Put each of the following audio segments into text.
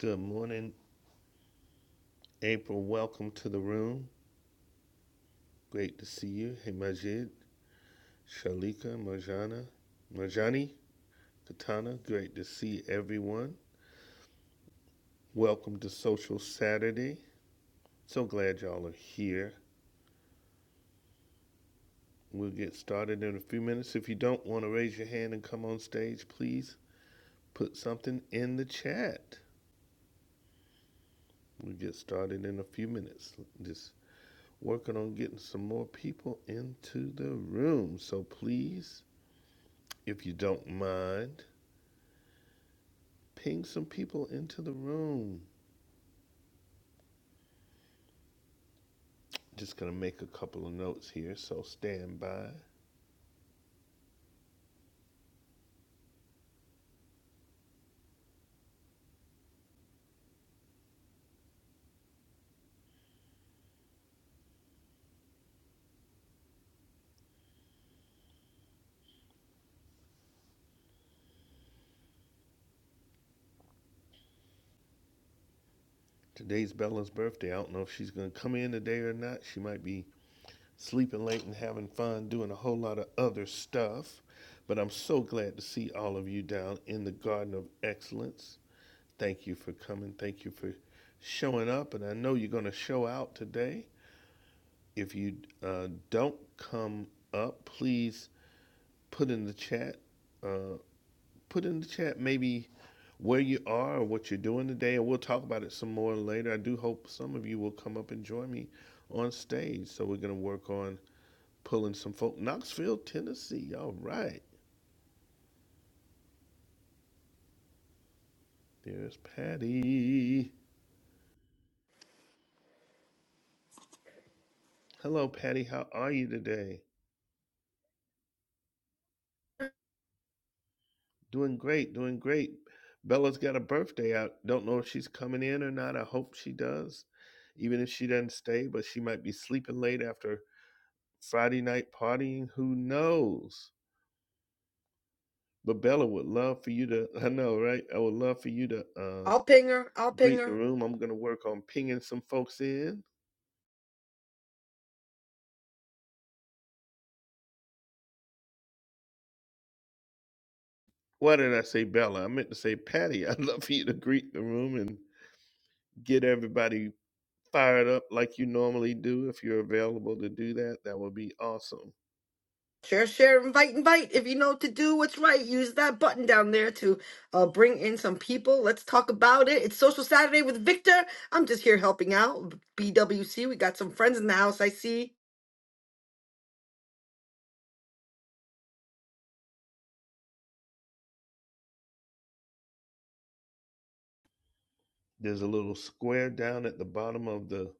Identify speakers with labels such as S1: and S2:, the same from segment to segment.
S1: Good morning, April. Welcome to the room. Great to see you. Hey, Majid, Shalika, Marjana, Marjani, Katana. Great to see everyone. Welcome to Social Saturday. So glad y'all are here. We'll get started in a few minutes. If you don't want to raise your hand and come on stage, please put something in the chat. We'll get started in a few minutes. Just working on getting some more people into the room. So please, if you don't mind, Ping some people into the room. Just gonna make a couple of notes here, so stand by. Today's Bella's birthday. I don't know if she's gonna come in today or not. She might be sleeping late and having fun doing a whole lot of other stuff. But I'm so glad to see all of you down in the Garden of Excellence. Thank you for coming. Thank you for showing up. And I know you're gonna show out today. If you uh, don't come up, please put in the chat uh, put in the chat maybe where you are, or what you're doing today, and we'll talk about it some more later. I do hope some of you will come up and join me on stage. So we're gonna work on pulling some folk. Knoxville, Tennessee. All right. There's Patty. Hello, Patty. How are you today? Doing great, doing great. Bella's got a birthday. I don't know if she's coming in or not. I hope she does. Even if she doesn't stay, but she might be sleeping late after Friday night partying. Who knows? But Bella would love for you to, I know, right? I would love for you to uh,
S2: I'll ping her. I'll ping
S1: greet the
S2: her.
S1: room. I'm going to work on pinging some folks in. Why did I say Bella? I meant to say Patty. I'd love for you to greet the room and get everybody fired up like you normally do. If you're available to do that, that would be awesome.
S2: Share, share, invite, invite. If you know what to do what's right, use that button down there to uh, bring in some people. Let's talk about it. It's Social Saturday with Victor. I'm just here helping out. BWC, we got some friends in the house, I see.
S1: There's a little square down at the bottom of the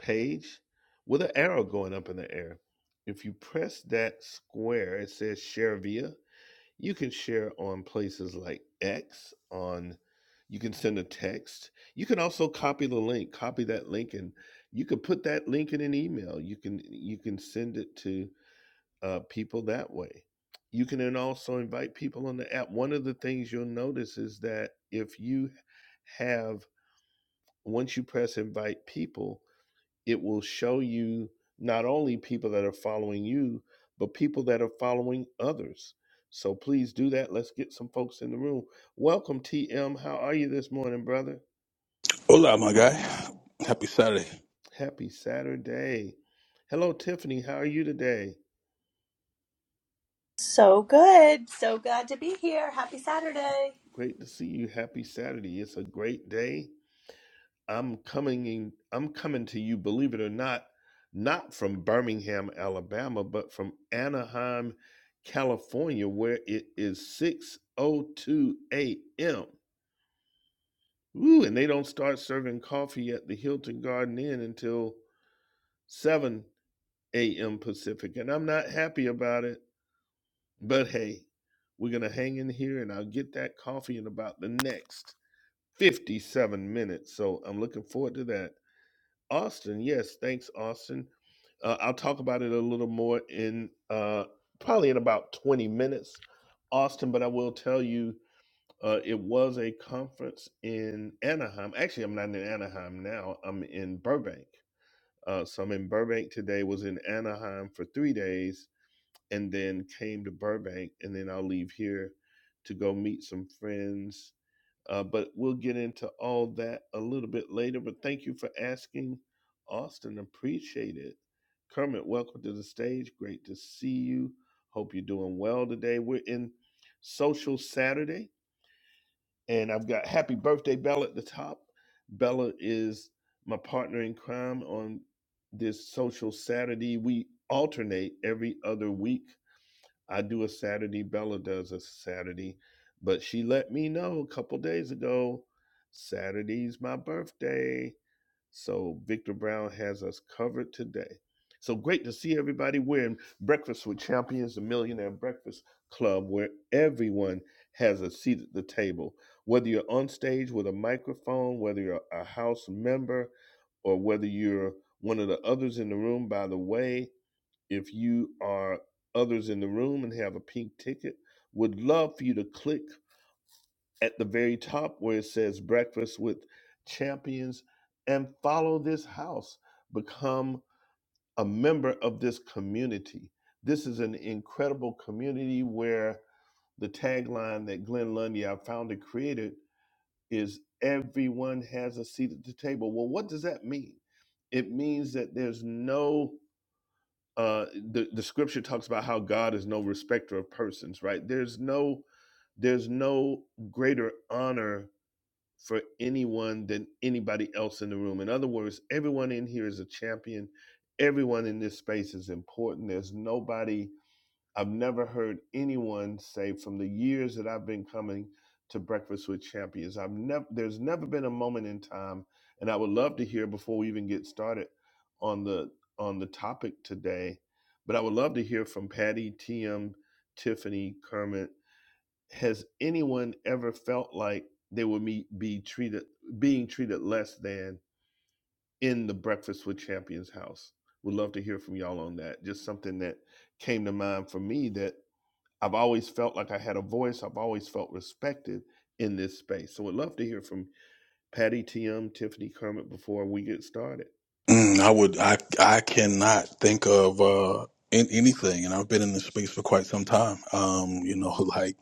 S1: page with an arrow going up in the air. If you press that square, it says Share Via you can share on places like X on you can send a text. You can also copy the link, copy that link and you can put that link in an email. You can you can send it to uh, people that way. You can then also invite people on the app. One of the things you'll notice is that if you have once you press invite people, it will show you not only people that are following you, but people that are following others. So please do that. Let's get some folks in the room. Welcome, TM. How are you this morning, brother?
S3: Hola, my guy. Happy Saturday.
S1: Happy Saturday. Hello, Tiffany. How are you today?
S4: So good. So glad to be here. Happy Saturday.
S1: Great to see you. Happy Saturday. It's a great day I'm coming in, I'm coming to you, believe it or not, not from Birmingham, Alabama, but from Anaheim, California, where it is 6:02 a.m. Ooh, and they don't start serving coffee at the Hilton Garden Inn until 7 a.m. Pacific. And I'm not happy about it, but hey, we're gonna hang in here and I'll get that coffee in about the next 57 minutes. So I'm looking forward to that. Austin, yes, thanks, Austin. Uh, I'll talk about it a little more in uh, probably in about 20 minutes, Austin, but I will tell you uh, it was a conference in Anaheim. Actually, I'm not in Anaheim now, I'm in Burbank. Uh, so I'm in Burbank today, was in Anaheim for three days, and then came to Burbank, and then I'll leave here to go meet some friends uh, but we'll get into all that a little bit later. But thank you for asking, Austin. Appreciate it. Kermit, welcome to the stage. Great to see you. Hope you're doing well today. We're in Social Saturday, and I've got Happy Birthday Bella at the top. Bella is my partner in crime on this Social Saturday. We alternate every other week I do a Saturday, Bella does a Saturday, but she let me know a couple days ago Saturday's my birthday. So Victor Brown has us covered today. So great to see everybody. We're in Breakfast with Champions, the Millionaire Breakfast Club, where everyone has a seat at the table. Whether you're on stage with a microphone, whether you're a house member, or whether you're one of the others in the room, by the way, if you are others in the room and have a pink ticket, would love for you to click at the very top where it says Breakfast with Champions and follow this house. Become a member of this community. This is an incredible community where the tagline that Glenn Lundy, our founder, created is everyone has a seat at the table. Well, what does that mean? It means that there's no uh the, the scripture talks about how god is no respecter of persons right there's no there's no greater honor for anyone than anybody else in the room in other words everyone in here is a champion everyone in this space is important there's nobody I've never heard anyone say from the years that I've been coming to Breakfast with Champions, I've never there's never been a moment in time, and I would love to hear before we even get started on the on the topic today, but I would love to hear from Patty, TM, Tiffany, Kermit. Has anyone ever felt like they would be, be treated being treated less than in the Breakfast with Champions house? Would love to hear from y'all on that. Just something that came to mind for me that I've always felt like I had a voice. I've always felt respected in this space. So, would love to hear from Patty TM, Tiffany Kermit before we get started.
S3: Mm, I would. I I cannot think of uh, in, anything, and I've been in this space for quite some time. Um, you know, like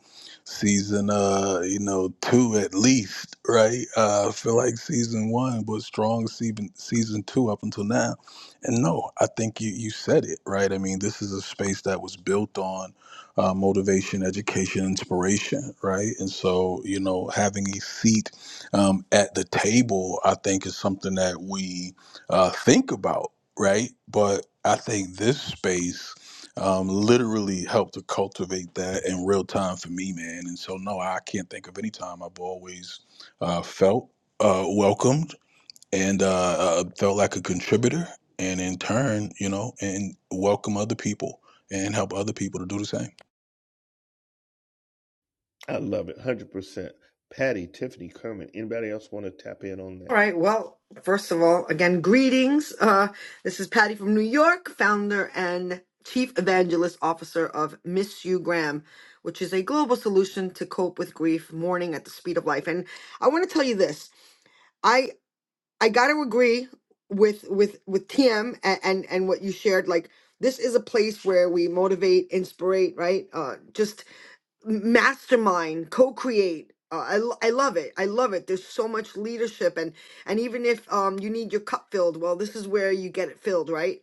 S3: season uh, you know two at least, right? Uh, I feel like season one was strong. Season season two up until now, and no, I think you you said it right. I mean, this is a space that was built on uh, motivation, education, inspiration, right? And so, you know, having a seat um, at the table, I think, is something that we uh, think about, right? But I think this space um, literally helped to cultivate that in real time for me, man. And so, no, I can't think of any time I've always uh, felt uh, welcomed and uh, uh, felt like a contributor, and in turn, you know, and welcome other people and help other people to do the same.
S1: I love it, one hundred percent. Patty, Tiffany Kermit. Anybody else want to tap in on that?
S2: All right, well, first of all, again, greetings. Uh, this is Patty from New York, founder and chief evangelist officer of Miss You Graham, which is a global solution to cope with grief, mourning at the speed of life. And I want to tell you this. I gotta agree with with with TM and, and and what you shared. Like this is a place where we motivate, inspirate, right? Uh, just mastermind, co-create. Uh, I, lo- I love it. I love it. There's so much leadership and and even if um you need your cup filled, well, this is where you get it filled, right?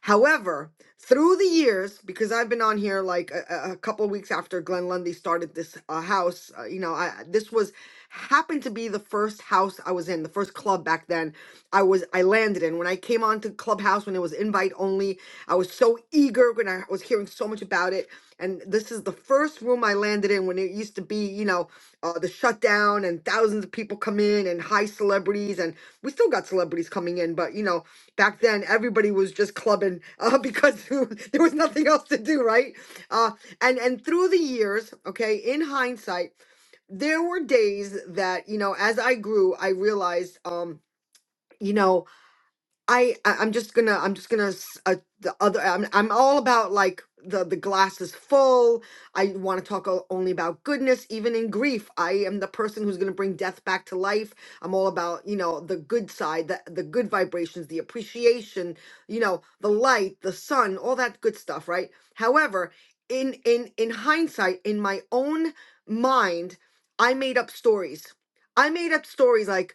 S2: However, through the years, because I've been on here like a, a couple of weeks after Glenn Lundy started this uh, house, uh, you know, I this was happened to be the first house I was in, the first club back then. I was I landed in when I came onto Clubhouse when it was invite only. I was so eager when I was hearing so much about it, and this is the first room I landed in when it used to be, you know, uh, the shutdown and thousands of people come in and high celebrities, and we still got celebrities coming in, but you know back then everybody was just clubbing uh, because there was nothing else to do right uh, and and through the years okay in hindsight there were days that you know as i grew i realized um you know I, I I'm just gonna I'm just gonna s- uh, the other I'm I'm all about like the the glass is full. I want to talk o- only about goodness, even in grief. I am the person who's gonna bring death back to life. I'm all about you know the good side, the the good vibrations, the appreciation, you know, the light, the sun, all that good stuff, right? However, in in in hindsight, in my own mind, I made up stories. I made up stories like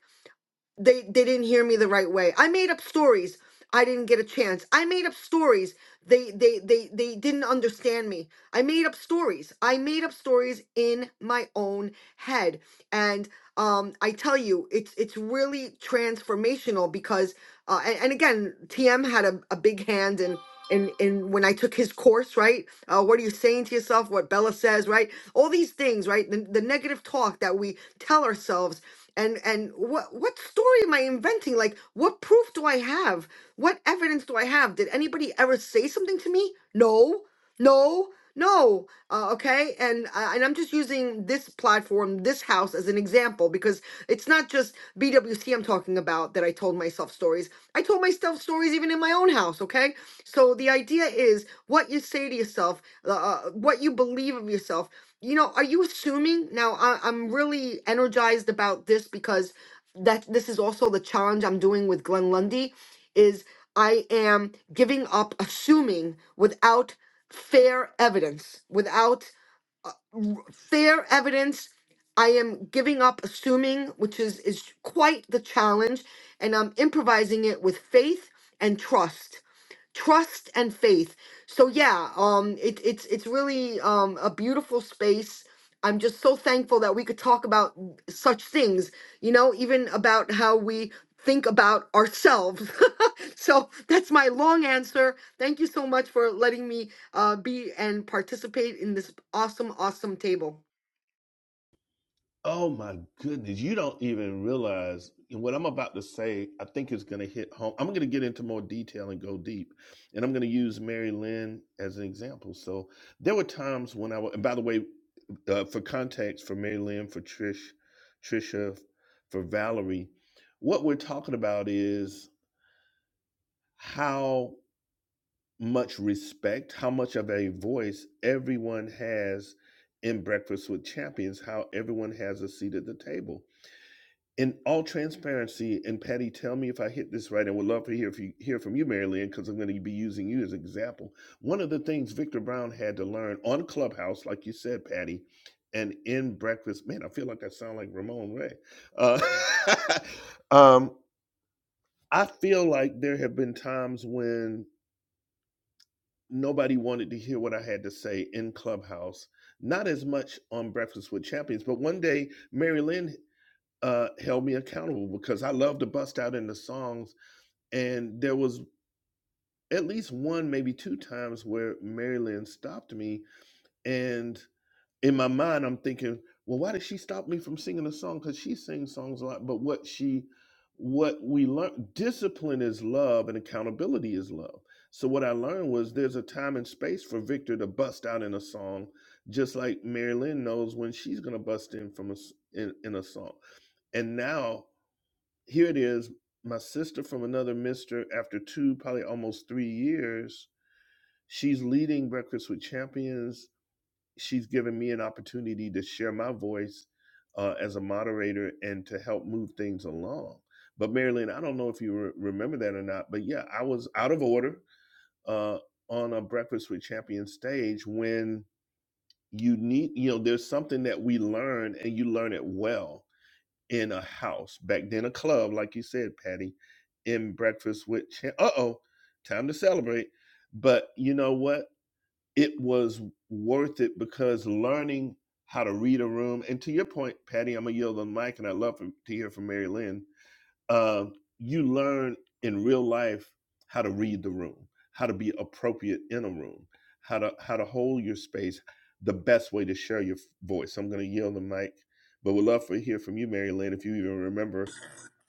S2: they they didn't hear me the right way. I made up stories. I didn't get a chance. I made up stories. They they they they didn't understand me. I made up stories. I made up stories in my own head. And um I tell you it's it's really transformational because uh and, and again TM had a, a big hand in in in when I took his course, right? Uh what are you saying to yourself? What Bella says, right? All these things, right? The, the negative talk that we tell ourselves and and what what story am i inventing like what proof do i have what evidence do i have did anybody ever say something to me no no no uh, okay and uh, and i'm just using this platform this house as an example because it's not just bwc i'm talking about that i told myself stories i told myself stories even in my own house okay so the idea is what you say to yourself uh, uh, what you believe of yourself you know, are you assuming now? I, I'm really energized about this because that this is also the challenge I'm doing with Glenn Lundy is I am giving up assuming without fair evidence, without fair evidence. I am giving up assuming, which is is quite the challenge, and I'm improvising it with faith and trust trust and faith. So yeah, um, it, it's it's really um, a beautiful space. I'm just so thankful that we could talk about such things. You know, even about how we think about ourselves. so that's my long answer. Thank you so much for letting me uh, be and participate in this awesome, awesome table.
S1: Oh my goodness. You don't even realize what I'm about to say. I think is going to hit home. I'm going to get into more detail and go deep. And I'm going to use Mary Lynn as an example. So there were times when I, was. and by the way, uh, for context, for Mary Lynn, for Trish, Trisha, for Valerie, what we're talking about is how much respect, how much of a voice everyone has in Breakfast with Champions, how everyone has a seat at the table in all transparency, and Patty, tell me if I hit this right. I would love to hear if you hear from you, Mary Lynn, because I'm going to be using you as an example. One of the things Victor Brown had to learn on Clubhouse, like you said, Patty, and in Breakfast, man, I feel like I sound like Ramon Ray. Uh, um, I feel like there have been times when nobody wanted to hear what I had to say in Clubhouse, not as much on Breakfast with Champions, but one day Mary Lynn uh, held me accountable because I love to bust out into songs. And there was at least one, maybe two times where Marilyn stopped me. And in my mind, I'm thinking, well, why did she stop me from singing a song? Because she sings songs a lot. But what she, what we learned, discipline is love and accountability is love. So what I learned was there's a time and space for Victor to bust out in a song, just like Marilyn knows when she's gonna bust in from a s in, in a song. And now here it is my sister from another mister after two probably almost three years she's leading breakfast with champions she's given me an opportunity to share my voice uh, as a moderator and to help move things along but marilyn i don't know if you re- remember that or not but yeah i was out of order uh, on a breakfast with champions stage when you need you know there's something that we learn and you learn it well in a house back then a club like you said patty in breakfast with Champ. uh-oh time to celebrate but you know what it was worth it because learning how to read a room and to your point patty i'm gonna yield the mic and i'd love for, to hear from mary lynn uh, you learn in real life how to read the room, how to be appropriate in a room, how to how to hold your space, the best way to share your voice. I'm going to yield the mic, but would love to hear from you, Mary Lynn, if you even remember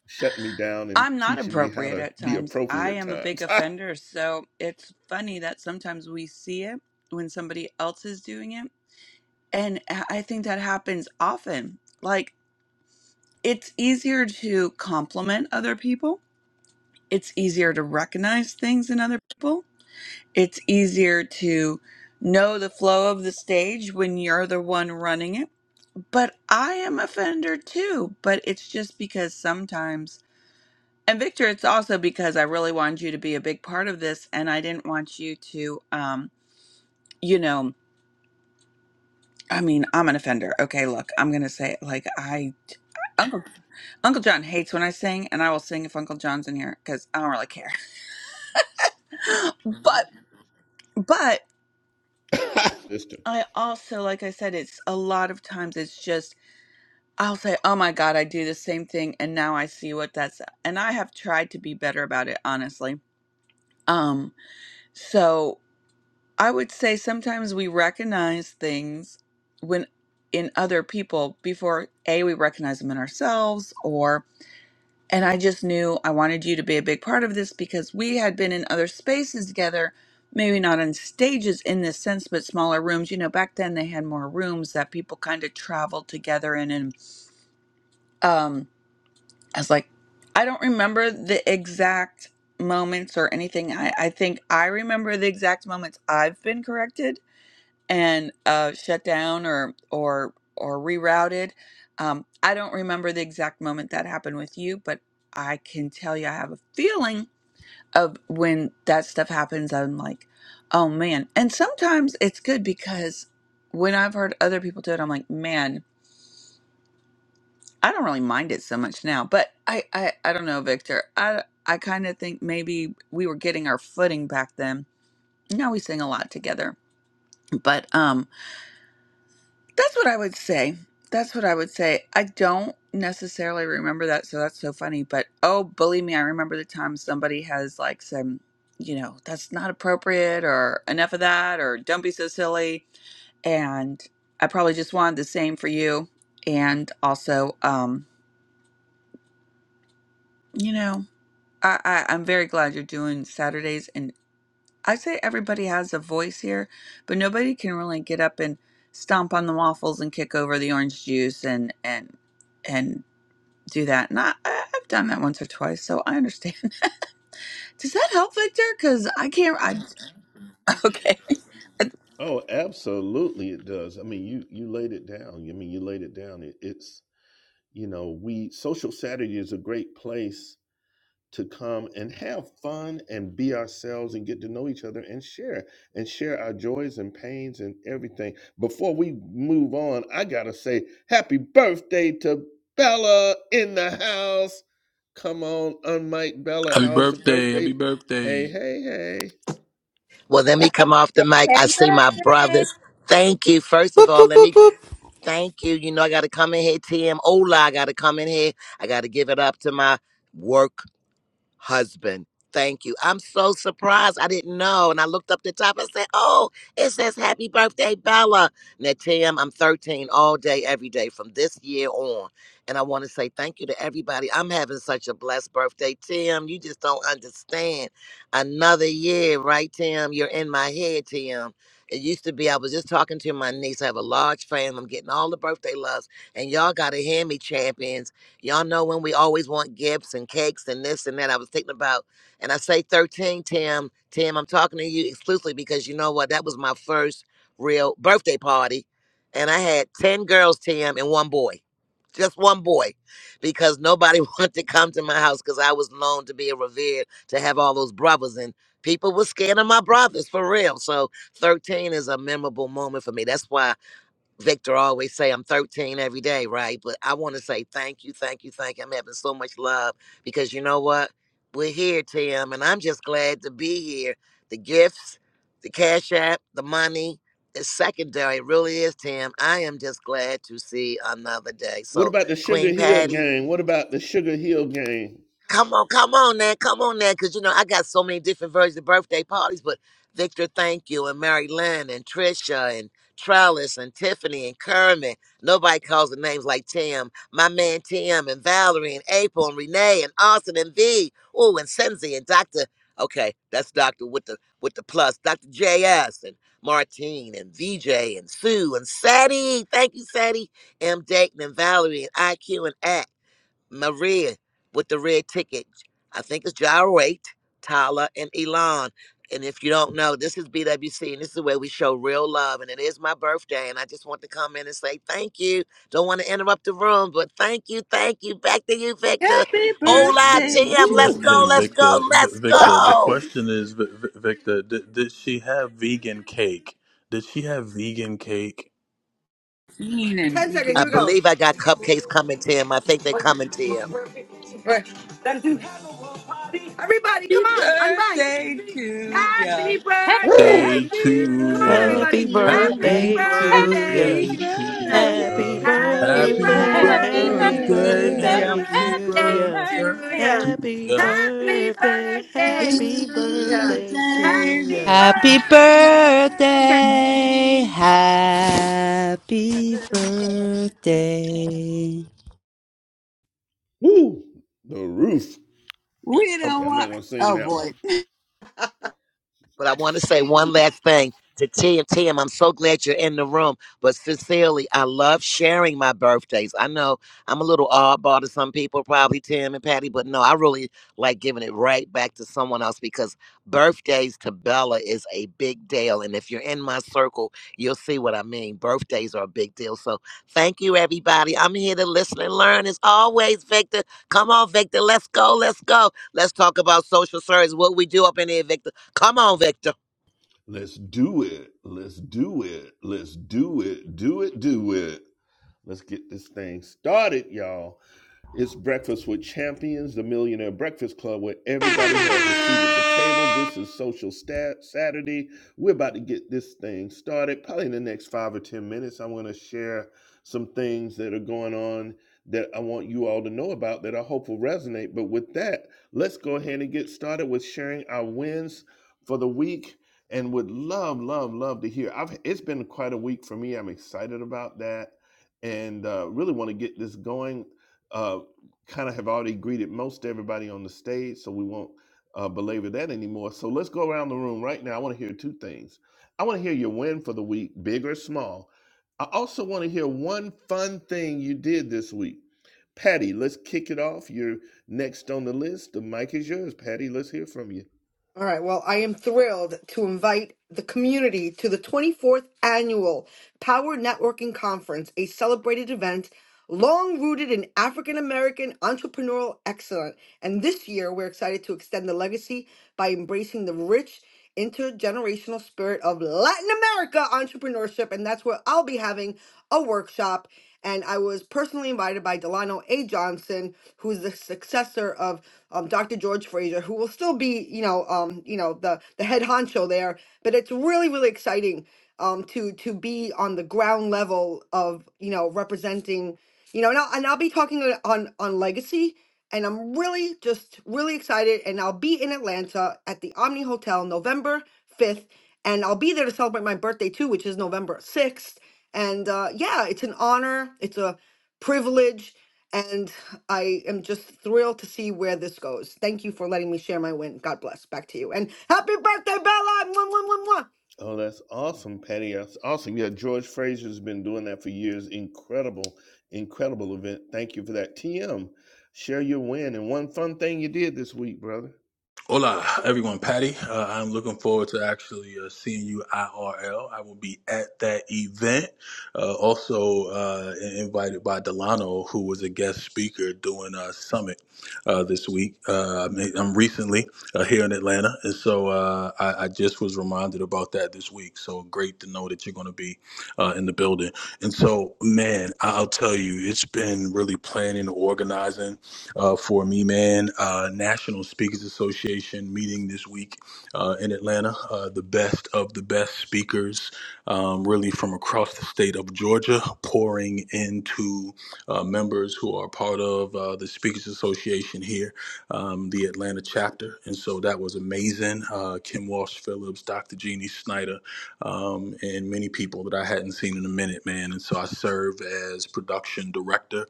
S1: shutting me down and
S5: I'm not
S1: teaching me how
S5: appropriate
S1: to
S5: at
S1: be
S5: times.
S1: appropriate
S5: I am a big
S1: at times.
S5: offender, so it's funny that sometimes we see it when somebody else is doing it. And I I think that happens often. Like, it's easier to compliment other people, it's easier to recognize things in other people, it's easier to know the flow of the stage when you're the one running it. But I am offender too, but it's just because sometimes. And Victor, it's also because I really wanted you to be a big part of this and I didn't want you to um, you know, I mean, I'm an offender. Okay, look, I'm going to say it like I Uncle Uncle John hates when I sing and I will sing if Uncle John's in here cuz I don't really care. but but
S1: Sister.
S5: I also like I said it's a lot of times it's just I'll say, "Oh my god, I do the same thing and now I see what that's." And I have tried to be better about it, honestly. Um so I would say sometimes we recognize things when in other people before a we recognize them in ourselves or and I just knew I wanted you to be a big part of this because we had been in other spaces together, maybe not on stages in this sense, but smaller rooms. You know, back then they had more rooms that people kind of traveled together in. And um, I was like, I don't remember the exact moments or anything. I, I think I remember the exact moments I've been corrected and uh, shut down or or or rerouted. Um, I don't remember the exact moment that happened with you, but I can tell you I have a feeling of when that stuff happens. I'm like, oh man. And sometimes it's good because when I've heard other people do it, I'm like, man, I don't really mind it so much now. But I I, I don't know, Victor. I I kind of think maybe we were getting our footing back then. Now we sing a lot together, but um That's what I would say. That's what I would say. I don't necessarily remember that, so that's so funny. But oh, believe me, I remember the time somebody has like some, you know, that's not appropriate or enough of that or don't be so silly. And I probably just wanted the same for you. And also, um, you know, I, I, I'm very glad you're doing Saturdays and. I say everybody has a voice here, but nobody can really get up and stomp on the waffles and kick over the orange juice and and and do that. And I, I- I've done that once or twice, so I understand. Does that help, Victor? Because I can't. I okay.
S1: Oh, absolutely, it does. I mean, you you laid it down. I mean, you laid it down. It, it's you know, we social Saturday is a great place to come and have fun and be ourselves and get to know each other and share and share our joys and pains and everything. Before we move on, I gotta say happy birthday to Bella in the house. Come on, unmike Bella.
S3: Happy
S1: How's the
S3: birthday!
S1: birthday?
S3: Happy
S1: Hey,
S3: birthday!
S1: hey, hey.
S6: Well, let me come off the
S7: Happy
S6: mic. I see my
S7: birthday.
S6: brothers. Thank you. First of
S8: Boop,
S6: all,
S8: boop,
S6: let
S8: boop,
S6: me
S8: boop.
S6: thank you. You know, I got to come in here, TM. Ola, I got to come in here. I got to give it up to my work husband. Thank you. I'm so surprised. I didn't know. And I looked up the top. I said, Oh, it says happy birthday, Bella. Now, Tim, I'm 13 all day, every day from this year on. And I want to say thank you to everybody. I'm having such a blessed birthday, Tim. You just don't understand. Another year, right, Tim? You're in my head, Tim. It used to be, I was just talking to my niece. I have a large family. I'm getting all the birthday loves. And y'all got to hear me, champions. Y'all know when we always want gifts and cakes and this and that. I was thinking about, and I say 13, Tim. Tim, I'm talking to you exclusively because you know what? That was my first real birthday party. And I had 10 girls, Tim, and one boy. Just one boy. Because nobody wanted to come to my house because I was known to be a revered, to have all those brothers. And people were scared of my brothers for real. So 13 is a memorable moment for me. That's why. Victor always say I'm 13 every day, right? But I want to say thank you, thank you, thank you. I'm having so much love because you know what? We're here, Tim, and I'm just glad to be here. The gifts, the cash app, the money, it's secondary. It really is, Tim. I am just glad to see another day.
S1: What
S6: So,
S1: about the Sugar
S6: Queen
S1: Hill
S6: Patty,
S1: gang? What about the Sugar Hill gang?
S6: Come on, come on now, come on now, because you know I got so many different versions of birthday parties. But Victor, thank you, and Mary Lynn, and Trisha, and Trellis, and Tiffany, and Kermit. Nobody calls the names like Tim. My man Tim, and Valerie, and April, and Renee, and Austin, and V. Oh, and Senzi, and Doctor. Okay, that's Doctor with the with the plus. Doctor JS, and Martine, and VJ, and Sue, and Sadie. Thank you, Sadie. M. Dayton, and Valerie, and IQ, and X. Maria with the red ticket. I think it's Gyrate, Tyler, and Elon. And if you don't know, this is BWC, and this is where we show real love. And it is my birthday, and I just want to come in and say thank you. Don't want to interrupt the room, but thank you, thank you. Back to you, Victor.
S5: Happy
S1: Yes,
S6: Hola,
S1: ma'am.
S5: birthday
S6: Tim. Let's
S1: Woo!
S5: to
S6: go,
S3: Hey
S5: ya,
S6: let's
S3: Victor,
S6: go,
S3: v-
S6: let's
S3: Victor. The
S6: go.
S3: question is, v- v- Victor, did, did she have vegan cake? Did she have vegan cake?
S5: Bean and
S2: 10 seconds, here
S5: Vegan
S6: I
S2: we
S5: Cake.
S2: go.
S6: believe I got cupcakes coming, Tim. I think they're coming, Tim.
S2: Right. Everybody, come
S5: Happy
S2: on, unbind.
S5: birthday to ya.
S2: Happy
S3: Day
S2: birthday to
S5: Happy
S2: you.
S3: to
S2: Come on,
S5: birthday
S3: ya,
S9: Happy
S5: to
S2: everybody.
S7: Hallelujah.
S2: Happy
S5: ya.
S3: happy
S9: birthday to
S2: birthday
S9: ya.
S5: Happy
S2: to
S3: birthday to
S2: you.
S7: Happy to
S9: Happy
S3: ya,
S5: birthday.
S1: Happy
S7: you.
S2: Happy
S3: happy
S5: Happy
S9: birthday.
S2: birthday.
S7: Happy
S9: Happy
S5: birthday
S3: birthday,
S5: to
S7: birthday.
S1: birthday.
S5: ya.
S2: Happy
S9: birthday
S3: happy
S9: to
S7: Happy
S2: birthday
S9: ya.
S3: birthday
S2: to
S7: birthday.
S2: you.
S3: to
S9: Happy
S3: ya.
S2: Happy
S9: birthday.
S2: birthday
S9: Happy
S2: to you.
S9: birthday to
S2: Happy
S5: We
S9: ya.
S8: Happy birthday.
S2: birthday. Okay.
S8: Happy
S7: Birthday.
S8: birthday.
S1: Woo! The roof. Okay,
S5: don't
S1: I'm not
S5: want.
S1: gonna sing
S5: Oh
S1: that one.
S5: boy.
S6: But I want to say one last thing to Tim. Tim, I'm so glad you're in the room. But sincerely, I love sharing my birthdays. I know I'm a little oddball to some people, probably Tim and Patty, but no, I really like giving it right back to someone else because birthdays to Bella is a big deal. And if you're in my circle, you'll see what I mean. Birthdays are a big deal. So thank you, everybody. I'm here to listen and learn as always, Victor. Come on, Victor. Let's go. Let's go. Let's talk about social service, what we do up in here, Victor. Come on, Victor.
S1: Let's do it. Let's do it. Let's do it. Do it. Do it. Let's get this thing started, y'all. It's Breakfast with Champions, the Millionaire Breakfast Club, where everybody has a seat at the table. This is Social Stat Saturday. We're about to get this thing started. Probably in the next five or 10 minutes, I want to share some things that are going on that I want you all to know about that I hope will resonate. But with that, let's go ahead and get started with sharing our wins for the week and would love, love, love to hear. I've, it's been quite a week for me. I'm excited about that and uh, really want to get this going Uh, kind of have already greeted most everybody on the stage, so we won't uh, belabor that anymore. So let's go around the room right now. I want to hear two things. I want to hear your win for the week, big or small. I also want to hear one fun thing you did this week. Patty, let's kick it off. You're next on the list. The mic is yours, Patty. Let's hear from you.
S2: All right. Well, I am thrilled to invite the community to the 24th annual Power Networking Conference, a celebrated event long rooted in African American entrepreneurial excellence. And this year, we're excited to extend the legacy by embracing the rich intergenerational spirit of Latin America entrepreneurship. And that's where I'll be having a workshop. And I was personally invited by Delano A. Johnson, who is the successor of um, Dr. George Fraser, who will still be, you know, um, you know, the the head honcho there. But it's really, really exciting um, to to be on the ground level of you know representing you know and I'll, and I'll be talking on on on legacy and I'm really just really excited and I'll be in Atlanta at the Omni Hotel November 5th and I'll be there to celebrate my birthday too which is November 6th and uh, yeah it's an honor it's a privilege and I am just thrilled to see where this goes. Thank you for letting me share my win. God bless. Back to you. And happy birthday, Bella! Mwah, mwah, mwah, mwah.
S1: Oh, that's awesome, Patty. That's awesome. Yeah, George Fraser's been doing that for years. Incredible, incredible event. Thank you for that. TM, share your win and one fun thing you did this week, brother.
S3: Hola, everyone. Patty, uh, I'm looking forward to actually uh, seeing you IRL. I will be at that event. Uh, also uh, invited by Delano, who was a guest speaker doing a summit uh, this week. Uh, I'm I'm recently uh, here in Atlanta, and so uh, I, I just was reminded about that this week. So great to know that you're going to be uh, in the building. And so, man, I'll tell you, it's been really planning, organizing uh, for me, man. Uh, National Speakers Association meeting this week uh, in Atlanta. Uh, the best of the best speakers, um, really from across the state of Georgia, pouring into uh, members who are part of uh, the Speakers Association here, um, the Atlanta chapter. And so that was amazing. Uh, Kim Walsh Phillips, Dr. Jeannie Snyder, um, and many people that I hadn't seen in a minute, man. And so I serve as production director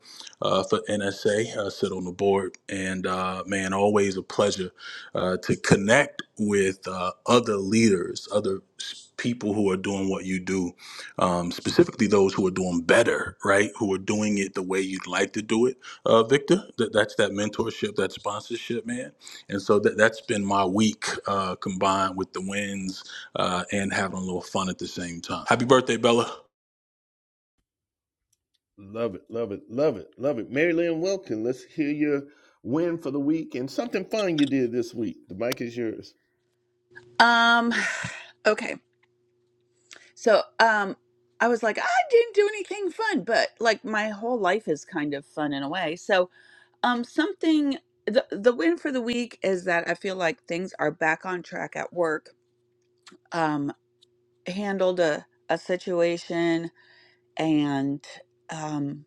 S3: uh, for NSA. I sit on the board, and uh, man, always a pleasure uh, to connect with uh, other leaders, other s- people who are doing what you do, um, specifically those who are doing better, right? Who are doing it the way you'd like to do it, uh, Victor. That, that's that mentorship, that sponsorship, man. And so that, that's been my week uh, combined with the wins uh, and having a little fun at the same time. Happy birthday, Bella.
S1: Love it, love it, love it, love it. Mary Lynn Wilkin, let's hear your win for the week and something fun you did this week. The mic is yours.
S5: Um. Okay. So, um, I was like, I didn't do anything fun, but like my whole life is kind of fun in a way. So, um, something the the win for the week is that I feel like things are back on track at work. Um, handled a a situation and um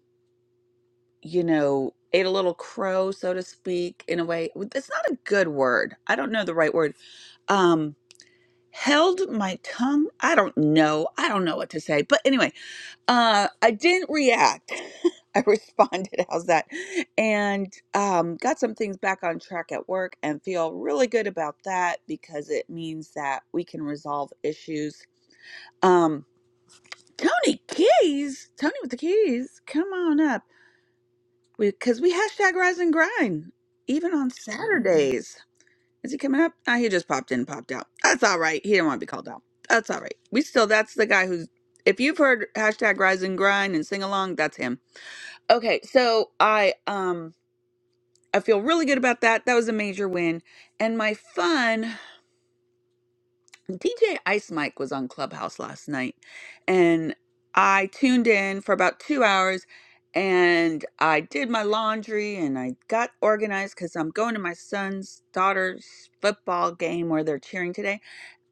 S5: you know, ate a little crow, so to speak, in a way. It's not a good word. I don't know the right word. Um, held my tongue. I don't know. I don't know what to say. But anyway, uh, I didn't react. I responded, how's that? And um, got some things back on track at work and feel really good about that because it means that we can resolve issues. Um, Tony Keys, Tony with the keys, come on up because we 'cause we hashtag rise and grind even on Saturdays. Is he coming up? Ah, he just popped in, popped out. That's all right. He didn't want to be called out. That's all right. We still that's the guy who's if you've heard hashtag rise and grind and sing along, that's him. Okay, so I um I feel really good about that. That was a major win, and my fun. DJ Ice Mike was on Clubhouse last night, and I tuned in for about two hours, and I did my laundry and I got organized because I'm going to my son's daughter's football game where they're cheering today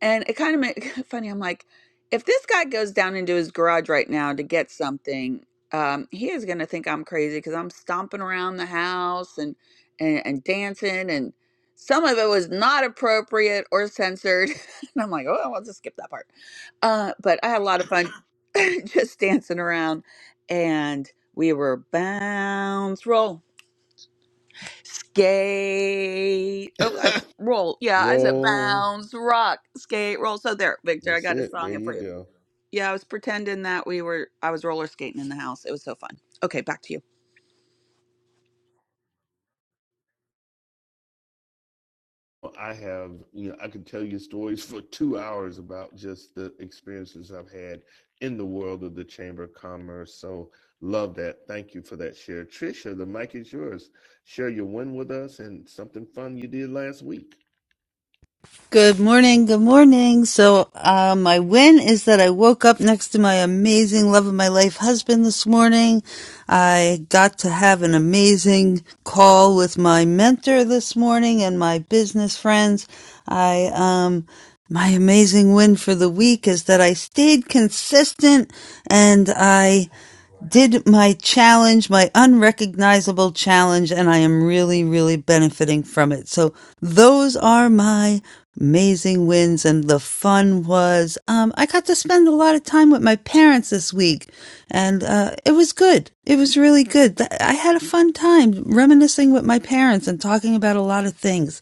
S5: and it kind of made funny. I'm like, if this guy goes down into his garage right now to get something, um, he is going to think I'm crazy because I'm stomping around the house and, and and dancing, and some of it was not appropriate or censored. and I'm like, oh, I'll just skip that part. Uh, but I had a lot of fun just dancing around, and we were bounce roll skate. Oh, I s- roll. Yeah, I said
S1: Roll.
S5: bounce, rock, skate, roll. So there, Victor, I
S1: That's
S5: got a
S1: it.
S5: song
S1: There
S5: in
S1: you
S5: for you.
S1: go.
S5: Yeah, I was pretending that we were. I was roller skating in the house. It was so fun. Okay, back to you.
S1: Well, I have, you know, I could tell you stories for two hours about just the experiences I've had in the world of the Chamber of Commerce. So love that. Thank you for that share. Trisha, the mic is yours. Share your win with us and something fun you did last week.
S8: Good morning, good morning. So, uh, my win is that I woke up next to my amazing love of my life husband this morning. I got to have an amazing call with my mentor this morning and my business friends. I, um, my amazing win for the week is that I stayed consistent and I did my challenge, my unrecognizable challenge, and I am really, really benefiting from it. So those are my amazing wins. And the fun was, um, I got to spend a lot of time with my parents this week, and uh, it was good. It was really good. I had a fun time reminiscing with my parents and talking about a lot of things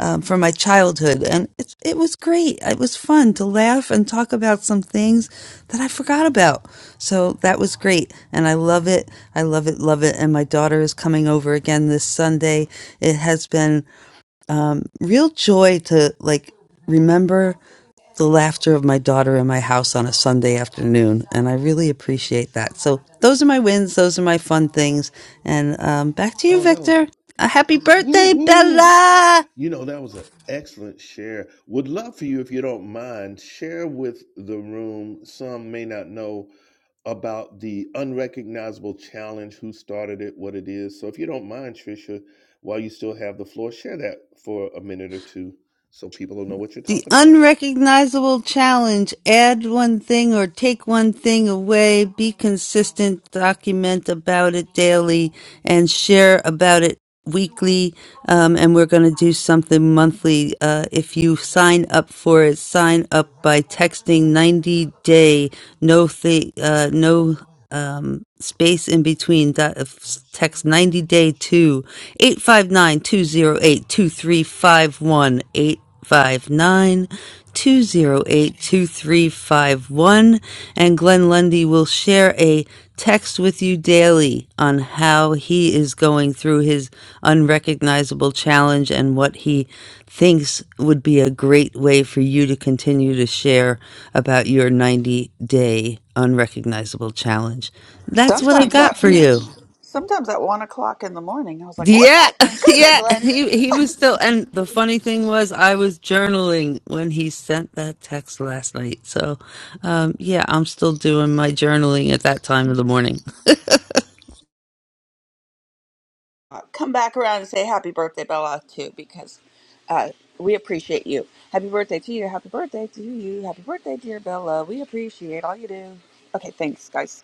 S8: um, from my childhood, and it, it was great. It was fun to laugh and talk about some things that I forgot about. So that was great, and I love it. I love it, love it. And my daughter is coming over again this Sunday. It has been um, real joy to like remember the laughter of my daughter in my house on a Sunday afternoon, and I really appreciate that. So those are my wins. Those are my fun things. And um, back to you,
S1: Oh, that was
S8: Victor. A happy birthday,
S1: Woohoo!
S8: Bella!
S1: You know, that was an excellent share. Would love for you, if you don't mind, share with the room. Some may not know about the unrecognizable challenge, who started it, what it is. So if you don't mind, Tricia, while you still have the floor, share that for a minute or two so people will know what you're
S8: The
S1: talking about.
S8: unrecognizable challenge add one thing or take one thing away, be consistent, document about it daily, and share about it weekly. Um, and we're going to do something monthly. Uh, if you sign up for it, sign up by texting 90 day, no, th- uh, no um, space in between. That, uh, text 90 day to 859 208 and Glenn Lundy will share a text with you daily on how he is going through his unrecognizable challenge and what he thinks would be a great way for you to continue to share about your 90 day unrecognizable challenge. That's what I
S5: Sometimes
S8: got
S5: at
S8: for you.
S5: sometimes at one o'clock in the morning, I was like, "What
S8: Yeah,
S5: the? Go to bed,
S8: yeah,
S5: Glenn."
S8: he he was still, and the funny thing was, I was journaling when he sent that text last night. So, um, yeah, I'm still doing my journaling at that time of the morning.
S5: Uh, Come back around and say happy birthday, Bella, too, because uh, we appreciate you. Happy birthday to you. Happy birthday to you. Happy birthday, dear Bella. We appreciate all you do. Okay, thanks, guys.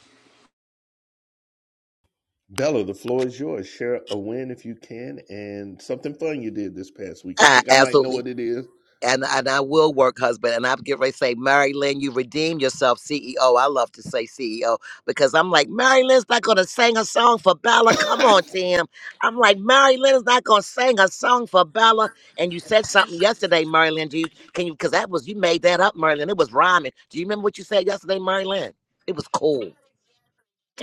S1: Bella, the floor is yours. Share a win if you can and something fun you did this past week. I
S6: Ah,
S1: think I might know
S6: absolutely.
S1: what it is.
S6: And and I will work, husband. And I'll get ready to say, Mary Lynn, you redeem yourself, CEO. I love to say CEO because I'm like, Mary Lynn's not gonna sing a song for Bella. Come
S1: I
S6: on, Tim. I'm like, Mary Lynn's not gonna sing a song for Bella. And you said something yesterday, Mary Lynn. Do you can you because that was you made that up, Mary Lynn. It was rhyming. Do you remember what you said yesterday, Mary Lynn? It was cool.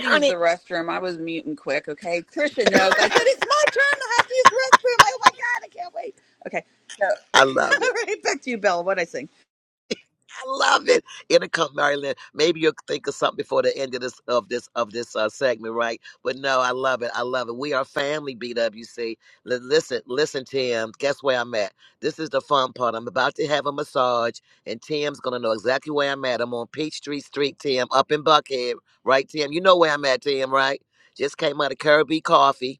S5: to use the
S6: it.
S5: restroom. I was muting quick. Okay, Trisha knows. I said it's my turn to have to use the restroom. Oh my god, I can't wait. Okay, so
S6: I love it.
S5: all right, back to you, Bella. What I sing?
S6: I love it. It'll come, Marilyn. Maybe you'll think of something before the end of this of this of this uh, segment, right? But no, I love it. I love it. We are family, BWC. listen, listen, Tim. Guess where I'm at? This is the fun part. I'm about to have a massage, and Tim's gonna know exactly where I'm at. I'm on Peachtree Street, Tim, up in Buckhead, right, Tim? You know where I'm at, Tim, right? Just came out of Kirby Coffee.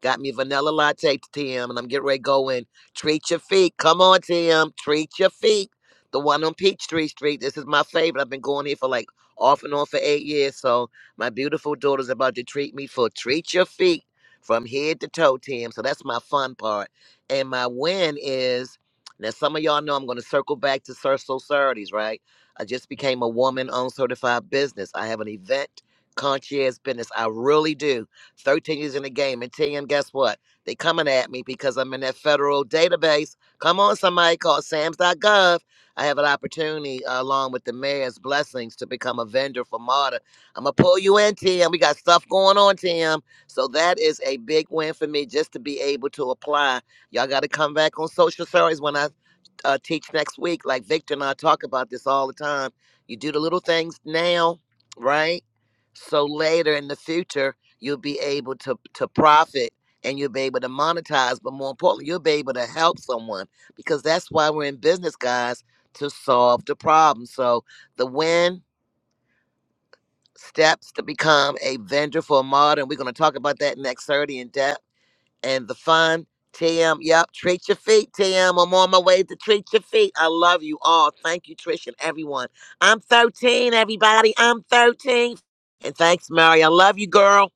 S6: Got me vanilla latte, Tim, and I'm getting ready to go in. Treat your feet. Come on, Tim. Treat your feet. The one on Peachtree Street. This is my favorite. I've been going here for like off and on for eight years. So my beautiful daughter's about to treat me for treat your feet from head to toe, Tim. So that's my fun part. And my win is now some of y'all know I'm gonna circle back to Sur Societies, right? I just became a woman owned certified business. I have an event concierge business. I really do. 13 years in the game. And TM, guess what? They coming at me because I'm in that federal database. Come on, somebody called SAMS.gov. I have an opportunity, uh, along with the mayor's blessings, to become a vendor for MARTA. I'm gonna pull you in, Tim. We got stuff going on, Tim. So that is a big win for me just to be able to apply. Y'all got to come back on social stories when I uh, teach next week. Like Victor and I talk about this all the time. You do the little things now, right? So later in the future, you'll be able to to profit and you'll be able to monetize. But more importantly, you'll be able to help someone because that's why we're in business, guys, to solve the problem. So the win steps to become a vendor for a modern. We're going to talk about that next 30 in depth and the fun. TM. yep. Treat your feet, Tim. I'm on my way to treat your feet. I love you all. Thank you, Trish and everyone. I'm 13, everybody. I'm 13. And thanks, Mary. I love you, girl.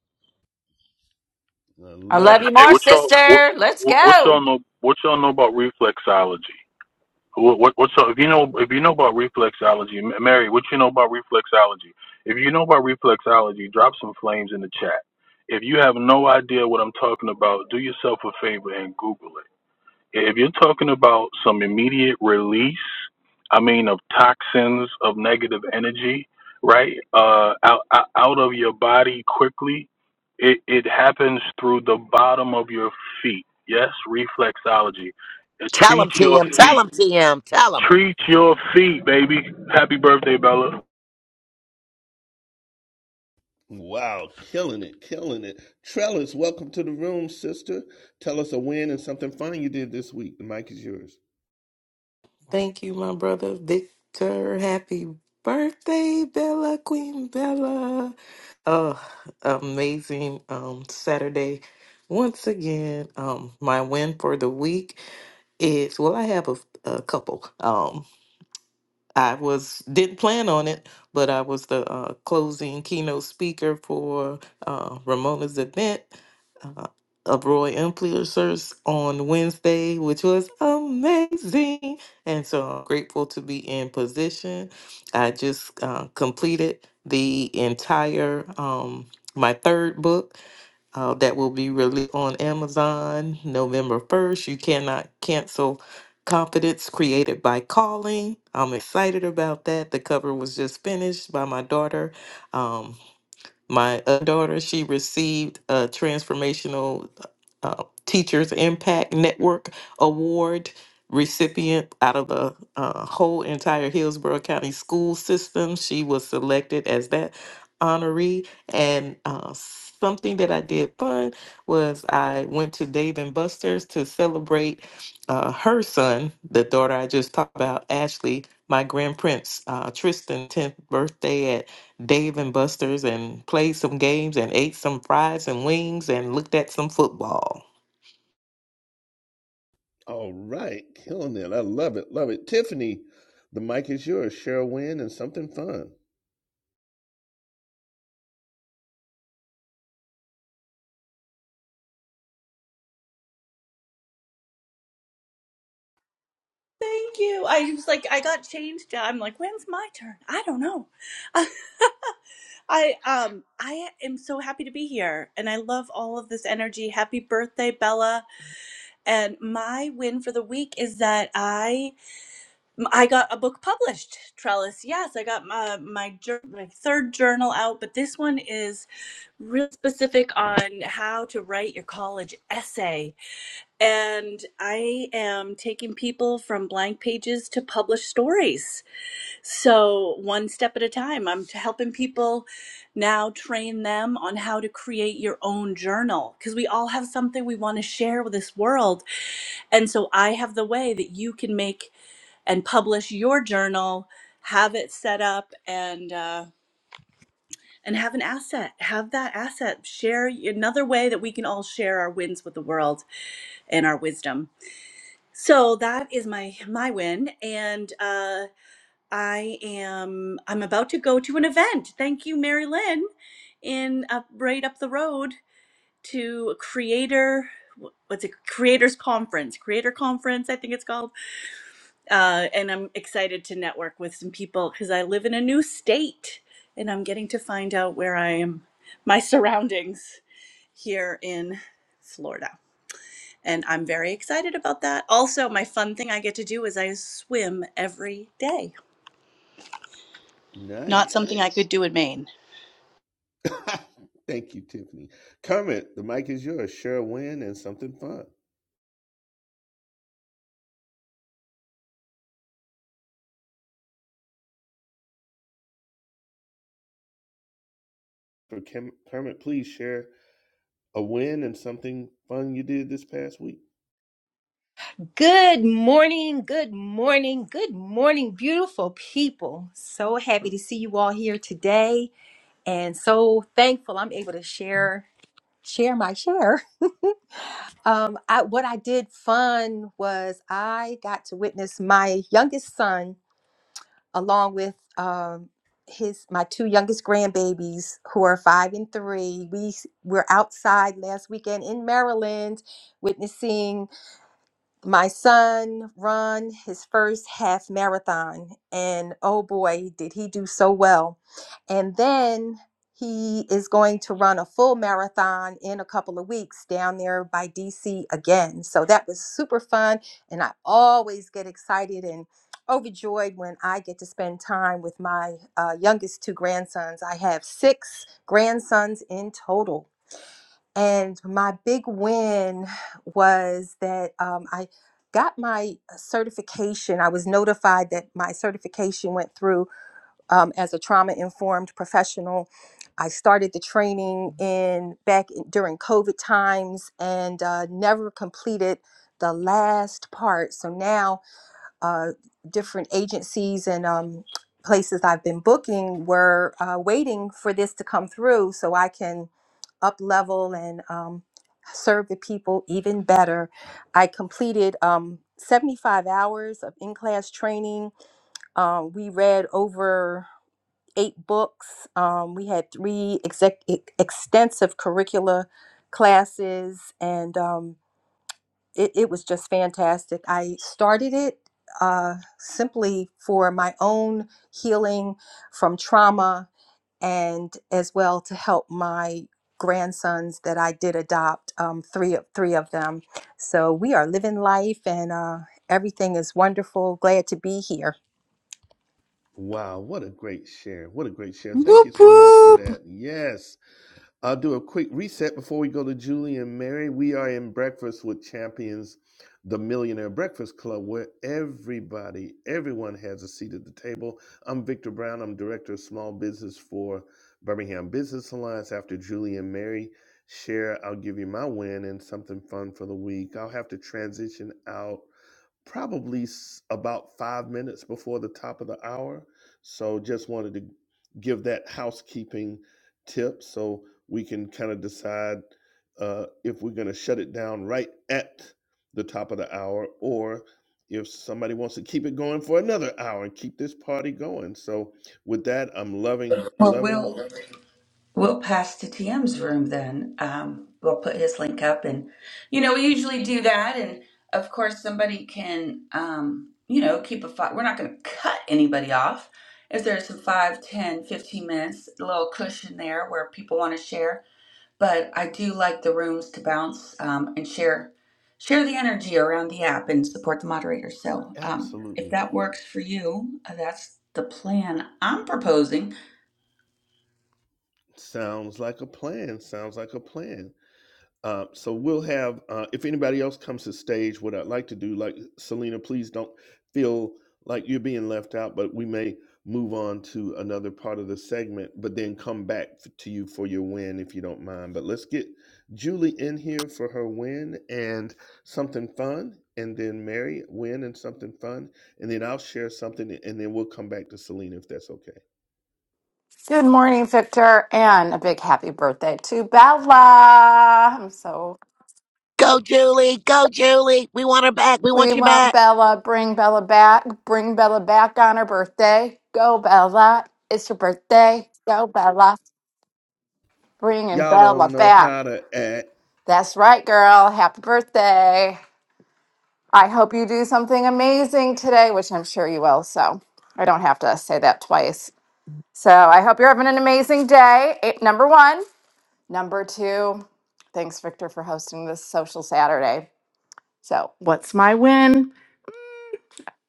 S10: I
S1: love
S10: love
S1: it.
S10: you
S3: Hey,
S10: more,
S3: what y'all what,
S10: sister. Let's
S3: what what
S10: go.
S3: y'all know what y'all know about reflexology? What, what what's up? If you know if you know about reflexology, M- Mary, what you know about reflexology? If you know about reflexology, drop some flames in the chat. If you have no idea what I'm talking about, do yourself a favor and Google it if you're talking about some immediate release, I mean, of toxins, of negative energy, right, uh, out, out out of your body quickly, it, it happens through the bottom of your feet. Yes, reflexology. Uh,
S6: Tell
S3: Treat
S6: them,
S3: your
S6: TM. Tell
S3: feet.
S6: them, TM. Tell them.
S3: Treat your feet, baby. Happy birthday, Bella.
S1: Wow, killing it, killing it. Trellis, welcome to the room, sister. Tell us a win and something fun you did this week. The mic is yours.
S9: Thank you, my brother Victor. Happy birthday, Bella Queen Bella. Oh, amazing um Saturday. Once again, um my win for the week is well I have a, a couple. Um, I was didn't plan on it, but I was the uh, closing keynote speaker for uh, Ramona's event uh, of Roy Influencers on Wednesday, which was amazing. And so I'm grateful to be in position. I just uh, completed the entire um, my third book uh, that will be released on Amazon November 1st. You cannot cancel Confidence Created by Calling. I'm excited about that. The cover was just finished by my daughter. Um, my other daughter, she received a transformational uh, Teachers Impact Network Award recipient out of the uh, whole entire Hillsborough County school system. She was selected as that honoree. And uh, something that I did fun was I went to Dave and Buster's to celebrate uh, her son, the daughter I just talked about, Ashley, my grandprince, uh, Tristan, 10th birthday Dave and Buster's and played some games and ate some fries and wings and looked at some football.
S1: All right, killing it. I love it, love it. Tiffany, the mic is yours. Share a win and something fun.
S4: Thank you. I was like, I got changed. I'm like, when's my turn? I don't know. I um, I am so happy to be here, and I love all of this energy. Happy birthday, Bella! And my win for the week is that I I got a book published. Trellis, yes, I got my my, jour- my third journal out, but this one is real specific on how to write your college essay and I am taking people from blank pages to published stories. So, one step at a time, I'm t- helping people now train them on how to create your own journal because we all have something we want to share with this world. And so, I have the way that you can make and publish your journal have it set up and uh, and have an asset have that asset share another way that we can all share our wins with the world and our wisdom So that is my my win, and uh, I am I'm about to go to an event. Thank you, Mary Lynn, in uh, right up the road to a creator. What's it? Creators Conference, Creator Conference, I think it's called. Uh, and I'm excited to network with some people because I live in a new state, and I'm getting to find out where I am, my surroundings here in Florida. And I'm very excited about that. Also, my fun thing I get to do is I swim every day. Not
S1: Nice.
S4: something I could do in Maine.
S1: Thank you, Tiffany. Kermit, the mic is yours. Share a win and something fun. For Kem- Kermit, please share a win and something fun you did this past week.
S7: Good morning, good morning, good morning, beautiful people. So happy to see you all here today and so thankful I'm able to share share my share. Um I what I did fun was I got to witness my youngest son along with um, his my two youngest grandbabies who are five and three. We s- were outside last weekend in Maryland, witnessing my son run his first half marathon and oh boy did he do so well and then he is going to run a full marathon in a couple of weeks down there by DC again so that was super fun and I always get excited and overjoyed when I get to spend time with my uh, youngest two grandsons I have six grandsons in total and my big win was that um, I got my uh, certification. I was notified that my certification went through um, as a trauma informed professional. I started the training in back in- during COVID times and uh, never completed the last part. So now uh, different agencies and um, places I've been booking were uh, waiting for this to come through so I can up level and um, serve the people even better. I completed um, 75 hours of in class training. Um, we read over eight books. Um, we had three exec- e- extensive curricula classes and um, it, it was just fantastic. I started it uh, simply for my own healing from trauma and as well to help my grandsons that I did adopt, um, three of three of them. So we are living life and uh, everything is wonderful. Glad to be here.
S1: Wow, what a great share. What a great share. Thank you
S8: Whoop
S1: so much for
S8: whoop.
S1: that. Yes. I'll do a quick reset before we go to Julie and Mary. We are in Breakfast with Champions, the Millionaire Breakfast Club, where everybody, everyone has a seat at the table. I'm Victor Brown. I'm Director of Small Business for Birmingham Business Alliance. After Julie and Mary share, I'll give you my win and something fun for the week. I'll have to transition out probably s- about five minutes before the top of the hour. So just wanted to give that housekeeping tip so we can kind of decide uh, if we're going to shut it down right at the top of the hour or if somebody wants to keep it going for another hour and keep this party going. So with that, I'm loving,
S5: Well,
S1: loving,
S5: we'll we'll pass to TM's room then. Um, we'll put his link up, and you know we usually do that. And of course, somebody can um, you know keep a five. We're not going to cut anybody off. If there's a five, ten, fifteen minutes, a little cushion there where people want to share, but I do like the rooms to bounce um, and share share the energy around the app and support the moderator. So um, if
S1: absolutely.
S5: that works for you, uh, that's the plan I'm proposing.
S1: Sounds like a plan. Sounds like a plan. Uh, so we'll have uh, if anybody else comes to stage, what I'd like to do, like Selena, please don't feel like you're being left out, but we may move on to another part of the segment, but then come back f- to you for your win if you don't mind. But let's get Julie in here for her win and something fun, and then Mary win and something fun, and then I'll share something, and then we'll come back to Selena if that's okay.
S11: Good morning, Victor, and a big happy birthday to Bella. I'm so
S6: Go, Julie. Go, Julie. We want her back. We want
S11: we
S6: you
S11: want
S6: back.
S11: Bella. Bring Bella back. Bring Bella back on her birthday. Go, Bella. It's your birthday. Go, Bella. Bringing
S1: Y'all
S11: Bella
S1: don't know
S11: back.
S1: how to act.
S11: That's right, girl. Happy birthday. I hope you do something amazing today, which I'm sure you will. So I don't have to say that twice. So I hope you're having an amazing day. eh, Number one. Number two, thanks, Victor, for hosting this social Saturday. So, what's my win?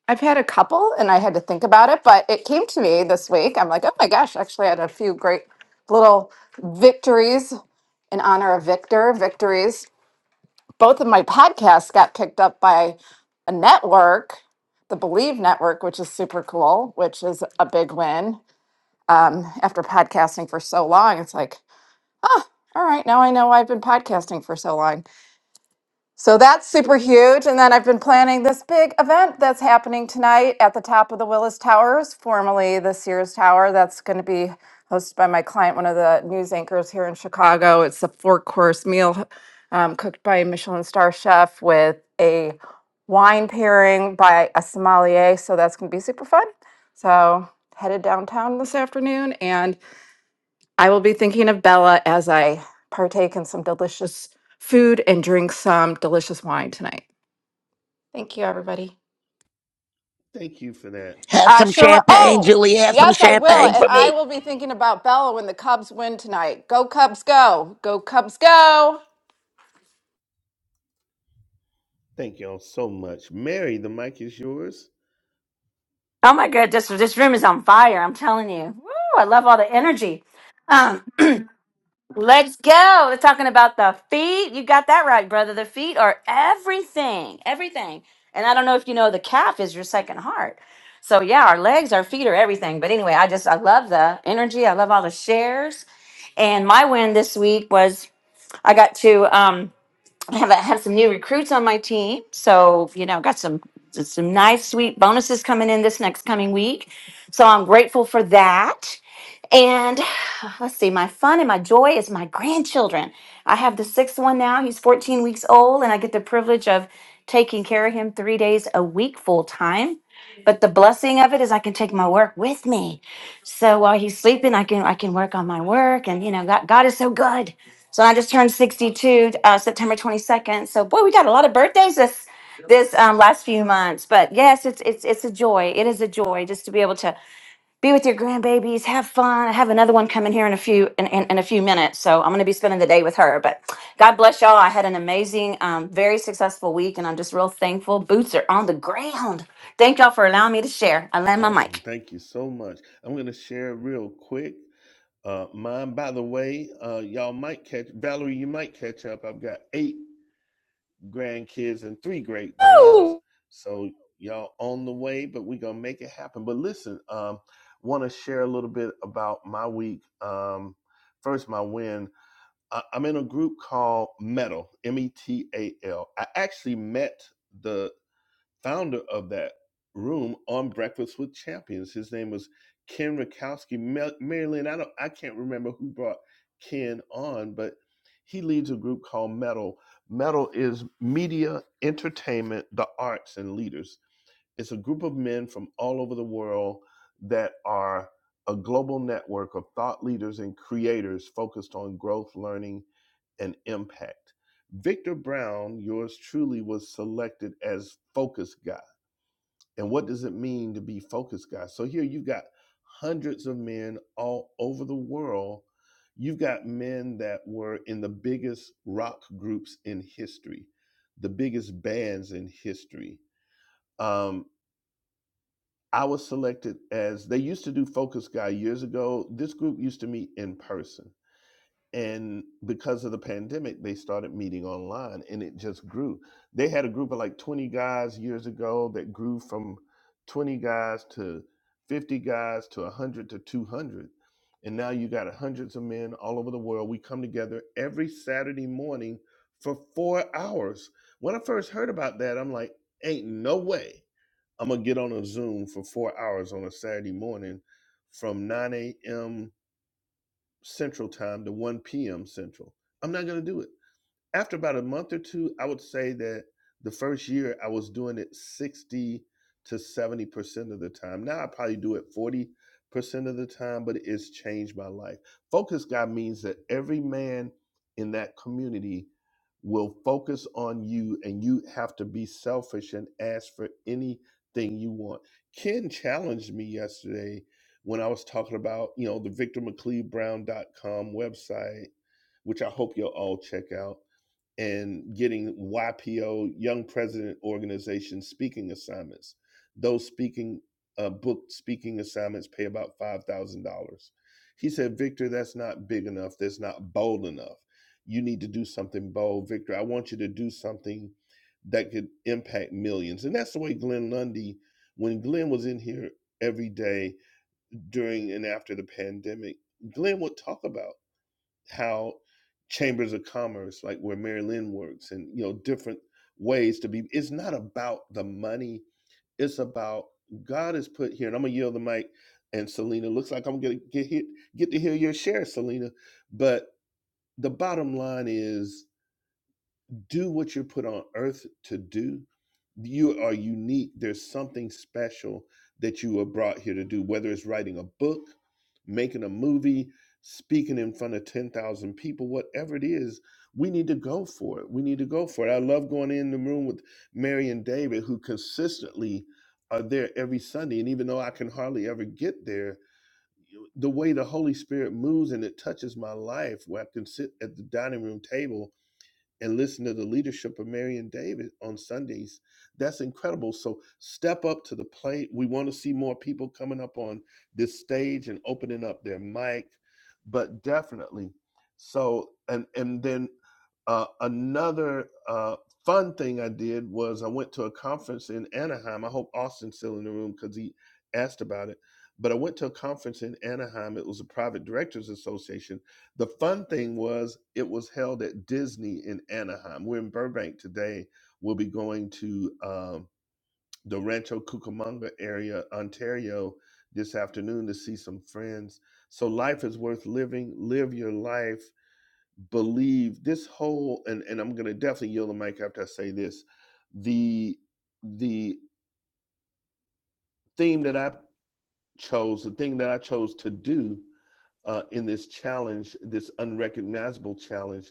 S11: I've had a couple and I had to think about it, but it came to me this week. I'm like, oh my gosh, actually, I had a few great little victories in honor of Victor. Victories. Both of my podcasts got picked up by a network, the Believe Network, which is super cool, which is a big win. Um, after podcasting for so long, it's like, all right, now I know I've been podcasting for so long. So that's super huge. And then I've been planning this big event that's happening tonight at the top of the Willis Towers, formerly the Sears Tower. That's going to be hosted by my client, one of the news anchors here in Chicago. It's a four course meal um, cooked by a Michelin star chef with a wine pairing by a sommelier. So that's going to be super fun. So headed downtown this afternoon. and. I will be thinking of Bella as I partake in some delicious food and drink some delicious wine tonight. Thank you, everybody.
S1: Thank you for that.
S6: Have
S11: Uh,
S6: some
S11: Cheryl,
S6: champagne,
S11: oh,
S6: Julie. Have some
S11: yes, I will.
S6: champagne
S11: And
S6: for me.
S11: I will be thinking about Bella when the Cubs win tonight. Go, Cubs, go. Go, Cubs, go.
S1: Thank y'all so much. Mary, the mic is yours.
S10: Oh my goodness, this room is on fire. I'm telling you. Woo, I love all the energy. Um, let's go. We're talking about the feet. You got that right, brother. The feet are everything, everything. And I don't know if you know, the calf is your second heart. So yeah, our legs, our feet are everything. But anyway, I just I love the energy. I love all the shares. And my win this week was I got to. Um, I have I have some new recruits on my team, so you know, got some some nice sweet bonuses coming in this next coming week. So I'm grateful for that. And let's see, my fun and my joy is my grandchildren. I have the sixth one now. He's 14 weeks old, and I get the privilege of taking care of him three days a week full time. But the blessing of it is I can take my work with me. So while he's sleeping, I can I can work on my work, and you know, God, God is so good. So I just turned 62 uh, September 22nd. So boy, we got a lot of birthdays this this um, last few months. But yes, it's it's it's a joy. It is a joy just to be able to be with your grandbabies, have fun. I have another one coming here in a few in, in, in a few minutes. So I'm going to be spending the day with her. But God bless y'all. I had an amazing, um, very successful week, and I'm just real thankful. Boots are on the ground. Thank y'all for allowing me to share. I land my
S1: Awesome.
S10: mic.
S1: Thank you so much. I'm going to share real quick. Uh, mine, by the way, uh, y'all might catch, Valerie, you might catch up. I've got eight grandkids and three great grands.
S10: Woo!
S1: So y'all on the way, but we going to make it happen. But listen, um, want to share a little bit about my week. Um, first, my win. I- I'm in a group called Metal, M E T A L. I actually met the founder of that room on Breakfast with Champions. His name was Ken Rakowski. Marilyn, I don't, I can't remember who brought Ken on, but he leads a group called Metal. Metal is media, entertainment, the arts, and leaders. It's a group of men from all over the world that are a global network of thought leaders and creators focused on growth, learning, and impact. Victor Brown, yours truly, was selected as focus guy and what does it mean to be focused, guys? So here you've got hundreds of men all over the world. You've got men that were in the biggest rock groups in history, the biggest bands in history. Um, I was selected as they used to do Focus Guy years ago. This group used to meet in person and because of the pandemic they started meeting online and it just grew they had a group of like 20 guys years ago that grew from 20 guys to 50 guys to 100 to 200 and now you got hundreds of men all over the world we come together every saturday morning for four hours when i first heard about that i'm like ain't no way i'm gonna get on a zoom for four hours on a saturday morning from 9 a.m Central Time to 1 p.m. Central. I'm not going to do it after about a month or two, I would say that the first year I was doing it 60 to 70% of the time. Now I probably do it 40% of the time, but it's changed my life. Focus God means that every man in that community will focus on you and you have to be selfish and ask for anything you want. Ken challenged me yesterday when I was talking about, you know, the victormcleavebrown.com website, which I hope you'll all check out and getting YPO Young President Organization speaking assignments. Those speaking uh, booked speaking assignments pay about five thousand dollars. He said, Victor, that's not big enough. That's not bold enough. You need to do something bold, Victor. I want you to do something that could impact millions. And that's the way Glenn Lundy, when Glenn was in here every day during and after the pandemic, Glenn would talk about how chambers of commerce, like where Mary Lynn works, and you know, different ways to be. It's not about the money. It's about God is put here, and I'm gonna yield the mic. And Selena, looks like I'm gonna get hit, get to hear your share, Selena. But the bottom line is do what you're put on earth to do. You are unique. There's something special that you were brought here to do, whether it's writing a book, making a movie, speaking in front of 10,000 people, whatever it is, we need to go for it. We need to go for it. I love going in the room with Mary and David, who consistently are there every Sunday. And even though I can hardly ever get there, the way the Holy Spirit moves and it touches my life, where I can sit at the dining room table and listen to the leadership of Marion and David on Sundays. That's incredible. So step up to the plate. We want to see more people coming up on this stage and opening up their mic, but definitely. So and and then uh, another uh, fun thing I did was I went to a conference in Anaheim. I hope Austin's still in the room because he asked about it. But I went to a conference in Anaheim. It was a private directors association the fun thing was it was held at Disney in Anaheim. We're in Burbank today. We'll be going to um, the Rancho Cucamonga area, Ontario, this afternoon to see some friends. So life is worth living. Live your life. Believe this whole and and I'm gonna definitely yield the mic after I say this. The the theme that I chose, the thing that I chose to do uh, in this challenge, this unrecognizable challenge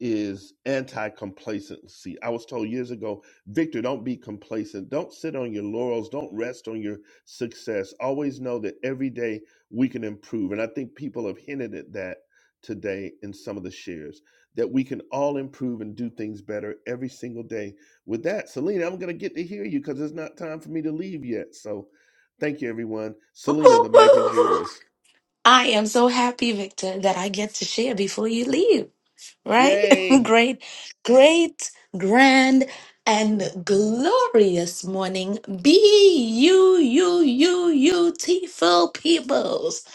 S1: is anti complacency. I was told years ago, Victor, don't be complacent. Don't sit on your laurels. Don't rest on your success. Always know that every day we can improve. And I think people have hinted at that today in some of the shares that we can all improve and do things better every single day. With that, Selena, I'm going to get to hear you because it's not time for me to leave yet. So thank you, everyone. Selena, the mic is
S12: I
S1: yours.
S12: am so happy, Victor, that I get to share before you leave, right?
S1: Yay!
S12: great, great, grand, and glorious morning. Be you, you, you, you, beautiful peoples.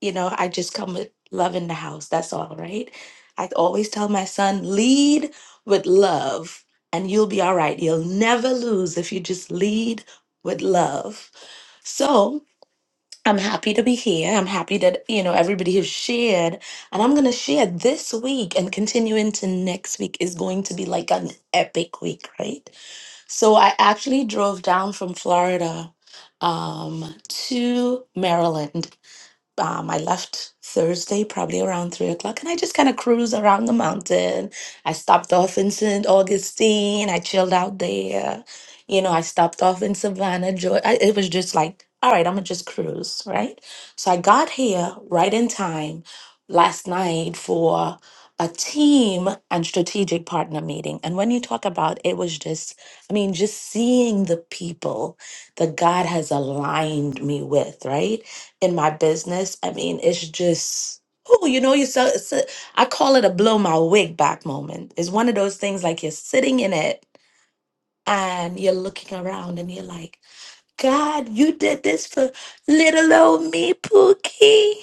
S12: You know, I just come with love in the house. That's all, right? I always tell my son, lead with love, and you'll be all right. You'll never lose if you just lead with love. So, I'm happy to be here. I'm happy that, you know, everybody has shared. And I'm going to share this week and continue into next week is going to be like an epic week, right? So I actually drove down from Florida um, to Maryland um, I left Thursday, probably around three o'clock, and I just kind of cruised around the mountain. I stopped off in St. Augustine. I chilled out there. You know, I stopped off in Savannah, Georgia. I, it was just like, all right, I'm gonna just cruise, right? So I got here right in time last night for a team and strategic partner meeting. And when you talk about it was just, I mean, just seeing the people that God has aligned me with, right? in my business. I mean, it's just, oh, you know, you so, so- I call it a blow my wig back moment. It's one of those things like you're sitting in it and you're looking around and you're like, God, you did this for little old me, Pookie.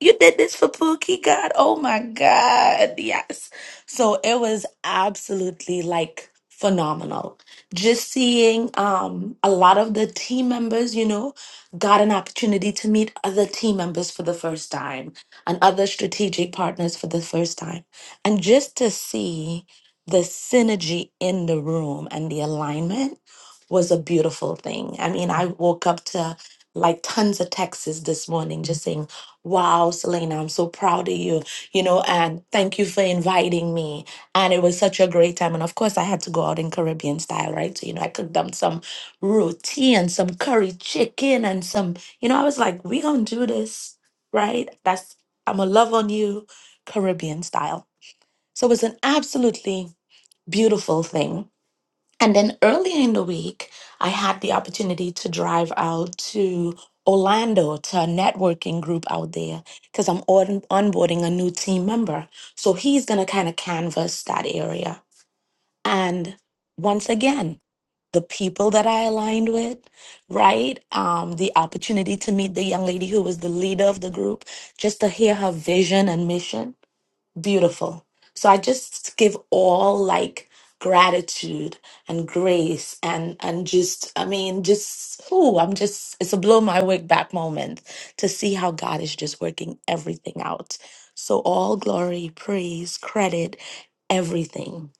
S12: You did this for Pookie, God. Oh my God. Yes. So it was absolutely like phenomenal. Just seeing um, a lot of the team members, you know, got an opportunity to meet other team members for the first time and other strategic partners for the first time. And just to see the synergy in the room and the alignment was a beautiful thing. I mean, I woke up to like tons of texts this morning just saying, Wow, Selena, I'm so proud of you, you know, and thank you for inviting me. And it was such a great time. And of course, I had to go out in Caribbean style, right? So, you know, I cooked them some roti and some curry chicken and some, you know, I was like, we going to do this, right? That's, I'm going to love on you, Caribbean style. So it was an absolutely beautiful thing. And then earlier in the week, I had the opportunity to drive out to Orlando to a networking group out there because I'm on- onboarding a new team member. So he's going to kind of canvas that area. And once again, the people that I aligned with, right? Um, the opportunity to meet the young lady who was the leader of the group, just to hear her vision and mission beautiful. So I just give all like gratitude and grace and and just I mean just ooh I'm just it's a blow my wig back moment to see how God is just working everything out. So all glory, praise, credit, everything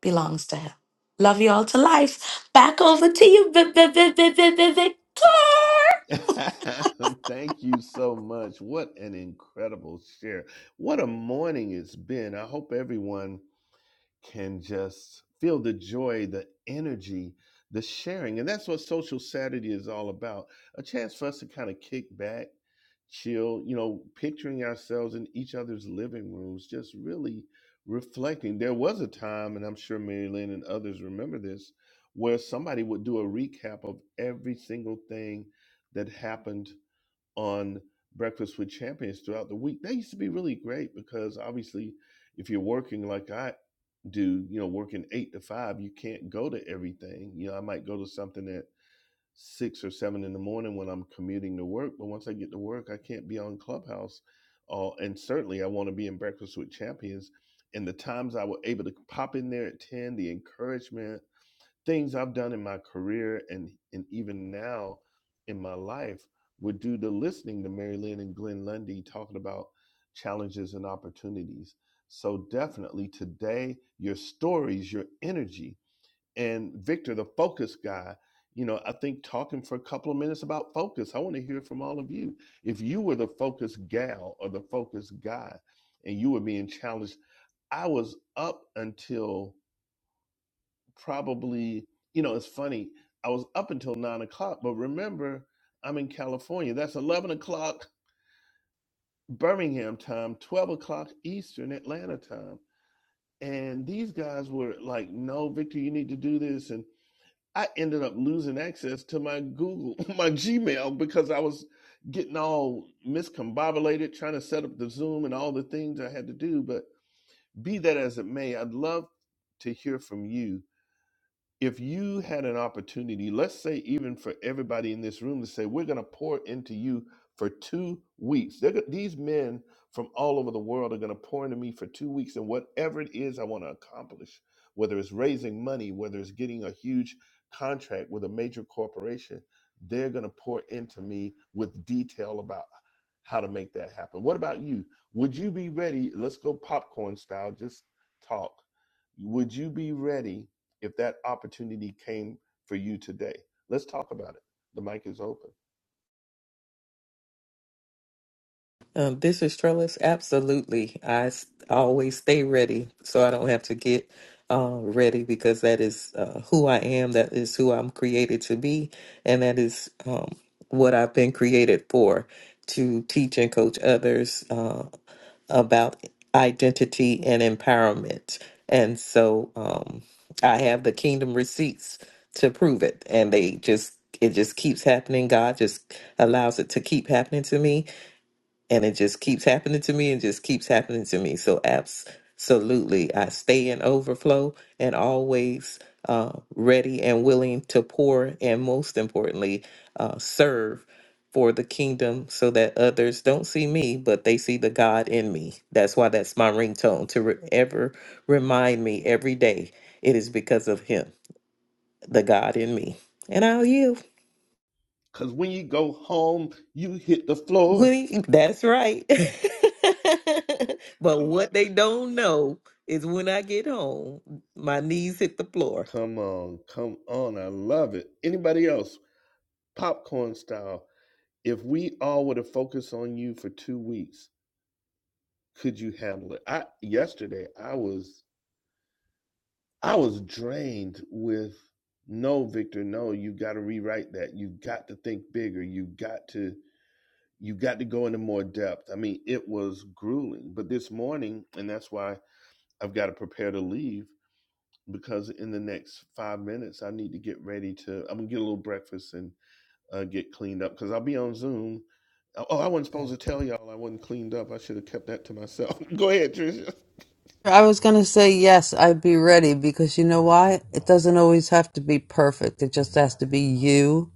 S12: belongs to him. Love you all to life. Back over to you, Vi- Vi- Vi- Vi- Vi- Vi- Victor.
S1: Thank you so much. What an incredible share. What a morning it's been. I hope everyone can just feel the joy, the energy, the sharing. And that's what Social Saturday is all about a chance for us to kind of kick back, chill, you know, picturing ourselves in each other's living rooms, just really reflecting. There was a time, and I'm sure Mary Lynn and others remember this, where somebody would do a recap of every single thing that happened on Breakfast with Champions throughout the week. That used to be really great because obviously, if you're working like I do, you know, working eight to five, you can't go to everything. You know, I might go to something at six or seven in the morning when I'm commuting to work, but once I get to work, I can't be on Clubhouse. Uh, and certainly, I want to be in Breakfast with Champions. And the times I were able to pop in there at 10, the encouragement, things I've done in my career and and even now in my life would do to listening to Mary Lynn and Glenn Lundy talking about challenges and opportunities. So definitely today, your stories, your energy, and Victor, the focus guy. You know, I think talking for a couple of minutes about focus. I want to hear from all of you. If you were the focus gal or the focus guy, and you were being challenged, I was up until probably you know it's funny i was up until nine o'clock but remember i'm in california that's 11 o'clock birmingham time 12 o'clock eastern atlanta time and these guys were like no victor you need to do this and i ended up losing access to my google my gmail because i was getting all miscombobulated trying to set up the zoom and all the things i had to do but be that as it may i'd love to hear from you if you had an opportunity, let's say even for everybody in this room to say, we're going to pour into you for two weeks. They're, go- these men from all over the world are going to pour into me for two weeks, and whatever it is I want to accomplish, whether it's raising money, whether it's getting a huge contract with a major corporation, they're going to pour into me with detail about how to make that happen. What about you? Would you be ready? Let's go popcorn style, just talk. Would you be ready? if that opportunity came for you today? Let's talk about it. The mic is open.
S9: Um, this is Trellis. Absolutely. I s- always stay ready so I don't have to get uh, ready because that is uh, who I am. That is who I'm created to be. And that is um, what I've been created for to teach and coach others uh, about identity and empowerment. And so um, I have the kingdom receipts to prove it. And they just, it just keeps happening. God just allows it to keep happening to me and it just keeps happening to me and just keeps happening to me. So absolutely, I stay in overflow and always uh, ready and willing to pour, and most importantly, uh, serve for the kingdom, so that others don't see me, but they see the God in me. That's why that's my ringtone to re- ever remind me every day. It is because of Him, the God in me, and I'll yield.
S1: Because when you go home, you hit the floor.
S9: We, that's right. but what they don't know is when I get home, my knees hit the floor.
S1: Come on, come on. I love it. Anybody else? Popcorn style. If we all were to focus on you for two weeks, could you handle it? I yesterday I was I was drained with no, Victor, no, you gotta rewrite that. You got to think bigger. You got to you got to go into more depth. I mean, it was grueling, but this morning, and that's why I've got to prepare to leave because in the next five minutes, I need to get ready to. I'm gonna get a little breakfast and uh, get cleaned up because I'll be on Zoom. Oh, oh, I wasn't supposed to tell y'all I wasn't cleaned up. I should have kept that to myself. go ahead, Tricia.
S8: I was going to say yes, I'd be ready because you know why? It doesn't always have to be perfect. It just has to be you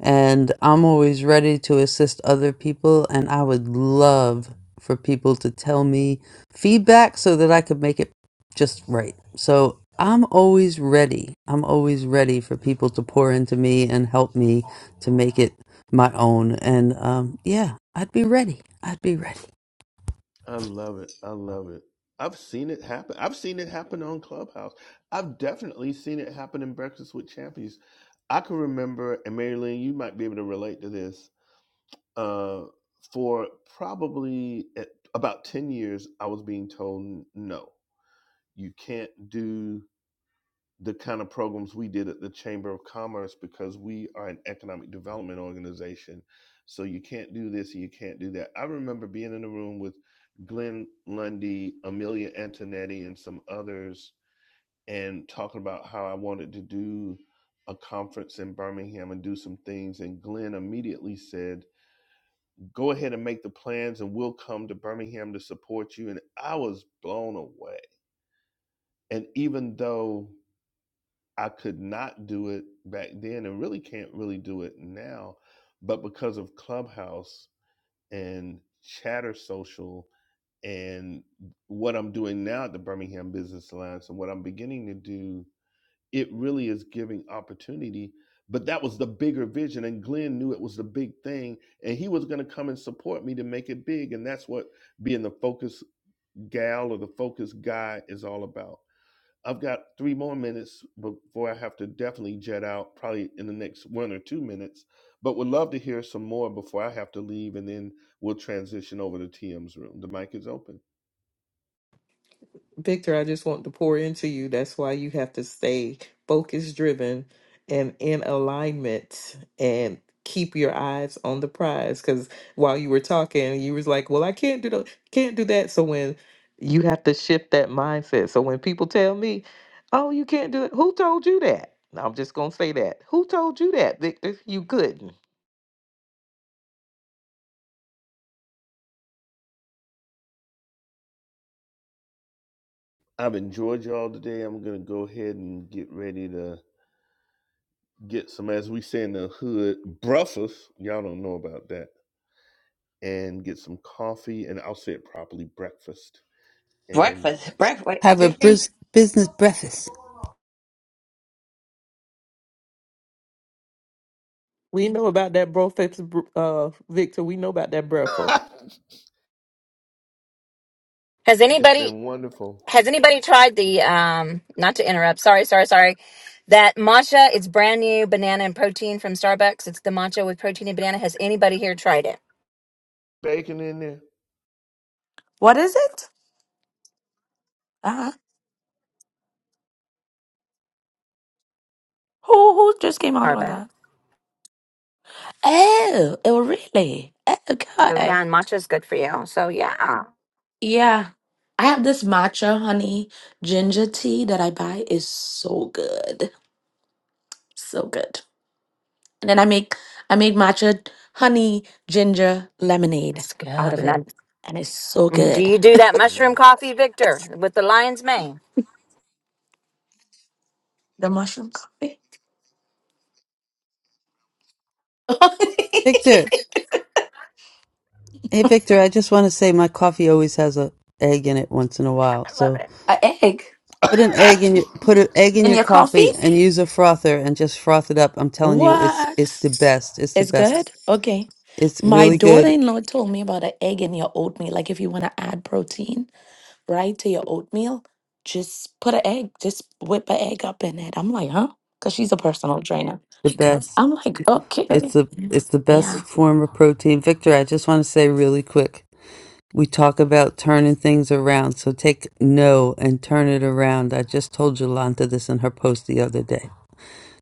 S8: And I'm always ready to assist other people. And I would love for people to tell me feedback so that I could make it just right. So I'm always ready. I'm always ready for people to pour into me and help me to make it my own. And um, yeah, I'd be ready. I'd be ready.
S1: I love it. I love it. I've seen it happen. I've seen it happen on Clubhouse. I've definitely seen it happen in Breakfast with Champions. I can remember, and Mary Lynn, you might be able to relate to this Uh, for probably at about 10 years, I was being told no, you can't do the kind of programs we did at the Chamber of Commerce because we are an economic development organization. So you can't do this and you can't do that. I remember being in a room with Glenn Lundy, Amelia Antonetti, and some others, and talking about how I wanted to do a conference in Birmingham and do some things. And Glenn immediately said, Go ahead and make the plans, and we'll come to Birmingham to support you. And I was blown away. And even though I could not do it back then and really can't really do it now, but because of Clubhouse and Chatter Social and what I'm doing now at the Birmingham Business Alliance and what I'm beginning to do it really is giving opportunity. But that was the bigger vision, and Glenn knew it was the big thing, and he was going to come and support me to make it big. And that's what being the focus gal or the focus guy is all about. I've got three more minutes before I have to definitely jet out, probably in the next one or two minutes. But would love to hear some more before I have to leave, and then we'll transition over to TM's room. The mic is open.
S9: Victor, I just want to pour into you. That's why you have to stay focus driven and in alignment and keep your eyes on the prize. Cause while you were talking, you was like, Well, I can't do the can't do that. So when you have to shift that mindset. So when people tell me, Oh, you can't do it, who told you that? No, I'm just gonna say that. Who told you that, Victor? You couldn't.
S1: I've enjoyed y'all today. I'm going to go ahead and get ready to get some, as we say in the hood, breakfast. Y'all don't know about that. And get some coffee, and I'll say it properly, breakfast. And
S5: Breakfast, breakfast,
S8: Have a
S5: chicken.
S8: bris- business breakfast.
S9: We know about that breath, uh, Victor. We know about that breath.
S10: Has
S1: it's
S10: anybody
S1: been wonderful.
S10: Has anybody tried the um not to interrupt, sorry, sorry, sorry. That matcha, it's brand new banana and protein from Starbucks. It's the matcha with protein and banana. Has anybody here tried it?
S1: Bacon in there.
S12: What is it? Uh-huh. Who who just came out on
S10: Starbucks.
S12: that? Oh, oh, really? Oh,
S10: So
S12: Okay.
S10: yeah, and matcha is good for you. So yeah.
S12: Yeah. I have this matcha honey ginger tea that I buy is so good. So good. And then I make I make matcha honey ginger lemonade
S10: It's good.
S12: out of
S10: And
S12: it.
S10: that,
S12: And it's so
S10: do
S12: good.
S10: you do that mushroom
S1: Mm.
S10: coffee, Victor, with the lion's mane?
S12: The mushroom coffee.
S8: Victor, hey Victor, I just want to say my coffee always has a egg in it once in a while.
S10: I love
S8: So
S10: it.
S12: A egg
S8: Put an egg in your
S1: I
S8: put an egg in
S12: in
S8: your
S12: your
S8: coffee
S12: coffee?
S8: and use a frother and just froth it up. I'm telling you, it's it's
S12: What?
S8: the best. It's the
S12: It's good?
S8: best.
S12: Okay.
S8: It's
S12: My
S8: really good.
S12: daughter-in-law told me about an egg in your oatmeal, like if you want to add protein. right, to your oatmeal, just put an egg, just whip an egg up in it. I'm like, huh? Because she's a personal trainer.
S8: The best.
S12: I'm like,
S8: It's
S12: okay.
S8: the it's the best
S12: Yeah.
S8: form of protein. Victor, I just want to say really quick. We talk about turning things around, so take no and turn it around. I just told Jolanta this in her post the other day.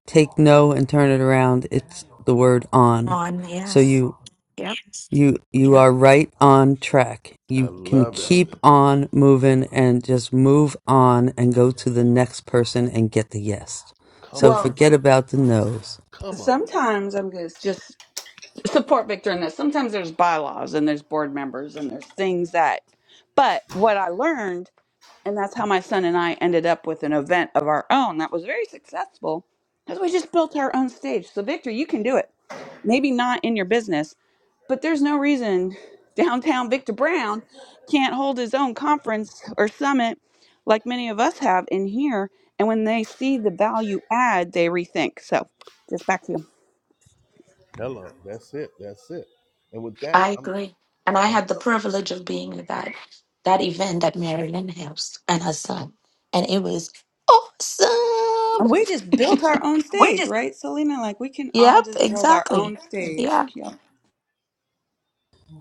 S8: Take no and turn it around. It's the word on.
S12: On,
S8: So
S12: yes.
S8: you
S12: Yep.
S8: You you are right on track. You can
S1: love it.
S8: keep on moving and just move on and go to the next person and get the yes.
S1: Come
S8: So
S1: on,
S5: Well,
S8: forget about the no's.
S1: come on.
S5: sometimes I'm gonna just support Victor in this. Sometimes there's bylaws and there's board members and there's things that. But what I learned And that's how my son and I ended up with an event of our own that was very successful because we just built our own stage. So, Victor, you can do it. Maybe not in your business, but there's no reason downtown Victor Brown can't hold his own conference or summit like many of us have in here. And when they see the value add, they rethink. So, just back to you.
S1: Hello, that's it, that's it. And with that,
S12: I
S1: I'm,
S12: agree. And I
S1: I'm,
S12: had the privilege of being at that that event at Marilyn House and her son. And it was
S5: And
S12: awesome.
S5: we just built our own
S12: We
S5: stage,
S12: just
S5: right, Selena? Like, we can all
S12: Yep,
S5: just build our own
S12: exactly.
S5: stage.
S12: Yeah.
S5: Yeah.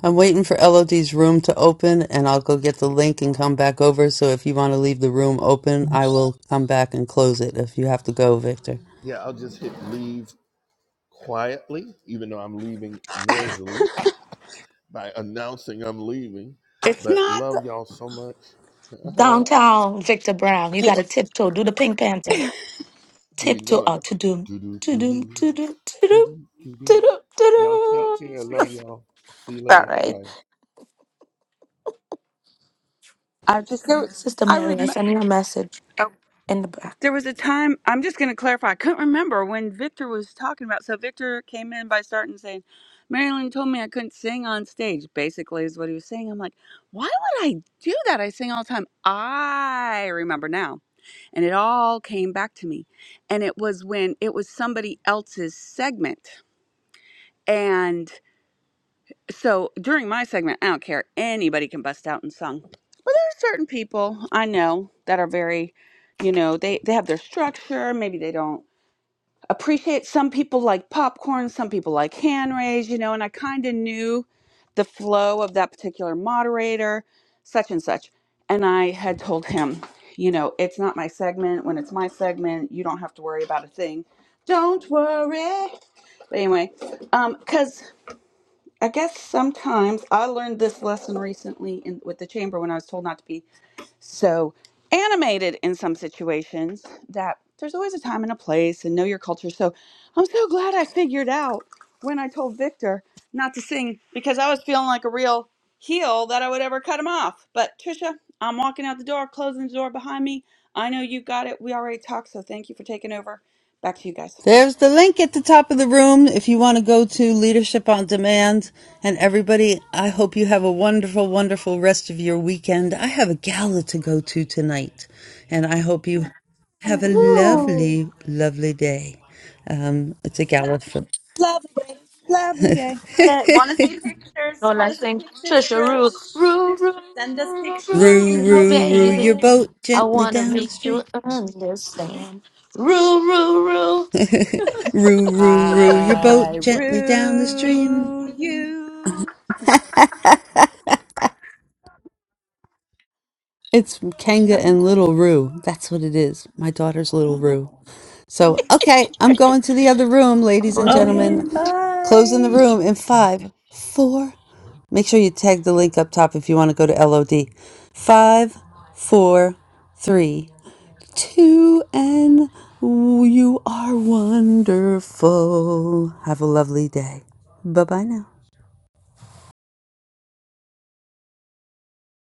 S8: I'm waiting for Elodie's room to open and I'll go get the link and come back over. So if you want to leave the room open, I will come back and close it if you have to go, Victor.
S1: yeah, I'll just hit leave quietly, even though I'm leaving noisily by announcing I'm leaving.
S5: It's
S1: But
S5: not, the,
S1: love y'all so much. Uh-huh.
S12: Downtown Victor Brown. You
S5: you-
S12: gotta tiptoe, do the pink panther.
S1: You
S12: tiptoe
S1: know it.
S12: out to doom
S1: Do do
S12: to
S1: do do
S12: doom to doom to
S1: do
S12: doom
S1: do do.
S12: to doom
S1: Y'all take
S12: to
S1: care.
S12: doom.
S1: Love y'all. See you
S12: All
S1: later.
S12: right,
S1: Bye.
S5: I just, go.
S12: Sister
S5: I
S12: Mary, I
S5: remember.
S12: send you a message
S5: Oh,
S12: in the back.
S5: there was a time, I'm just going to clarify. I couldn't remember when Victor was talking about. So Victor came in by starting saying, Marilyn told me I couldn't sing on stage, basically, is what he was saying. I'm like, why would I do that? I sing all the time. I remember now. And it all came back to me. And it was when it was somebody else's segment so during my segment, I don't care. Anybody can bust out and sung. Well, there are certain people I know that are very, you know, they they have their structure. Maybe they don't appreciate. Some people like popcorn. Some people like hand raise. You know, and I kind of knew the flow of that particular moderator, such and such. And I had told him, you know, it's not my segment. When it's my segment, you don't have to worry about a thing. Don't worry. But anyway, um, because I guess sometimes I learned this lesson recently in with the chamber when I was told not to be so animated in some situations that there's always a time and a place and know your culture. So I'm so glad I figured out when I told Victor not to sing because I was feeling like a real heel that I would ever cut him off. But Trisha, I'm walking out the door, closing the door behind me. I know you got it. We already talked, so thank you for taking over. Back to you guys.
S8: There's the link at the top of the room if you want to go to Leadership on Demand. And everybody, I hope you have a wonderful, wonderful rest of your weekend. I have a gala to go to tonight, and I hope you have a
S4: Ooh.
S8: lovely, lovely day. Um, it's a gala for
S5: Lovely day. Lovely day.
S4: Want to see pictures?
S12: No, like
S4: Want to see
S12: saying
S4: pictures,
S12: Trisha Rule,
S4: Trish?
S12: Rule, Rule,
S4: Send us
S12: Rule,
S4: pictures of
S12: Rule,
S8: Roo,
S4: your
S12: Rule,
S8: roo, roo your
S12: baby.
S4: outfit.
S8: boat
S12: I
S8: gently
S12: wanna
S8: down the
S12: make you
S8: stream.
S12: understand. Rule, Rule, Rule.
S8: Roo, roo, roo your boat
S5: I
S8: gently down the stream.
S5: rue you.
S8: It's Kanga and Little Roo. That's what it is. My daughter's Little Roo. So, okay, I'm going to the other room,
S12: I'm
S8: ladies and
S12: going to be a
S4: Okay,
S8: gentlemen.
S12: Rule too.
S8: Closing the
S4: bye.
S8: room in five, four. Make sure you tag the link up top if you want to go to LOD. Five, four, three, two, and you are wonderful. Have a lovely day. Bye bye now.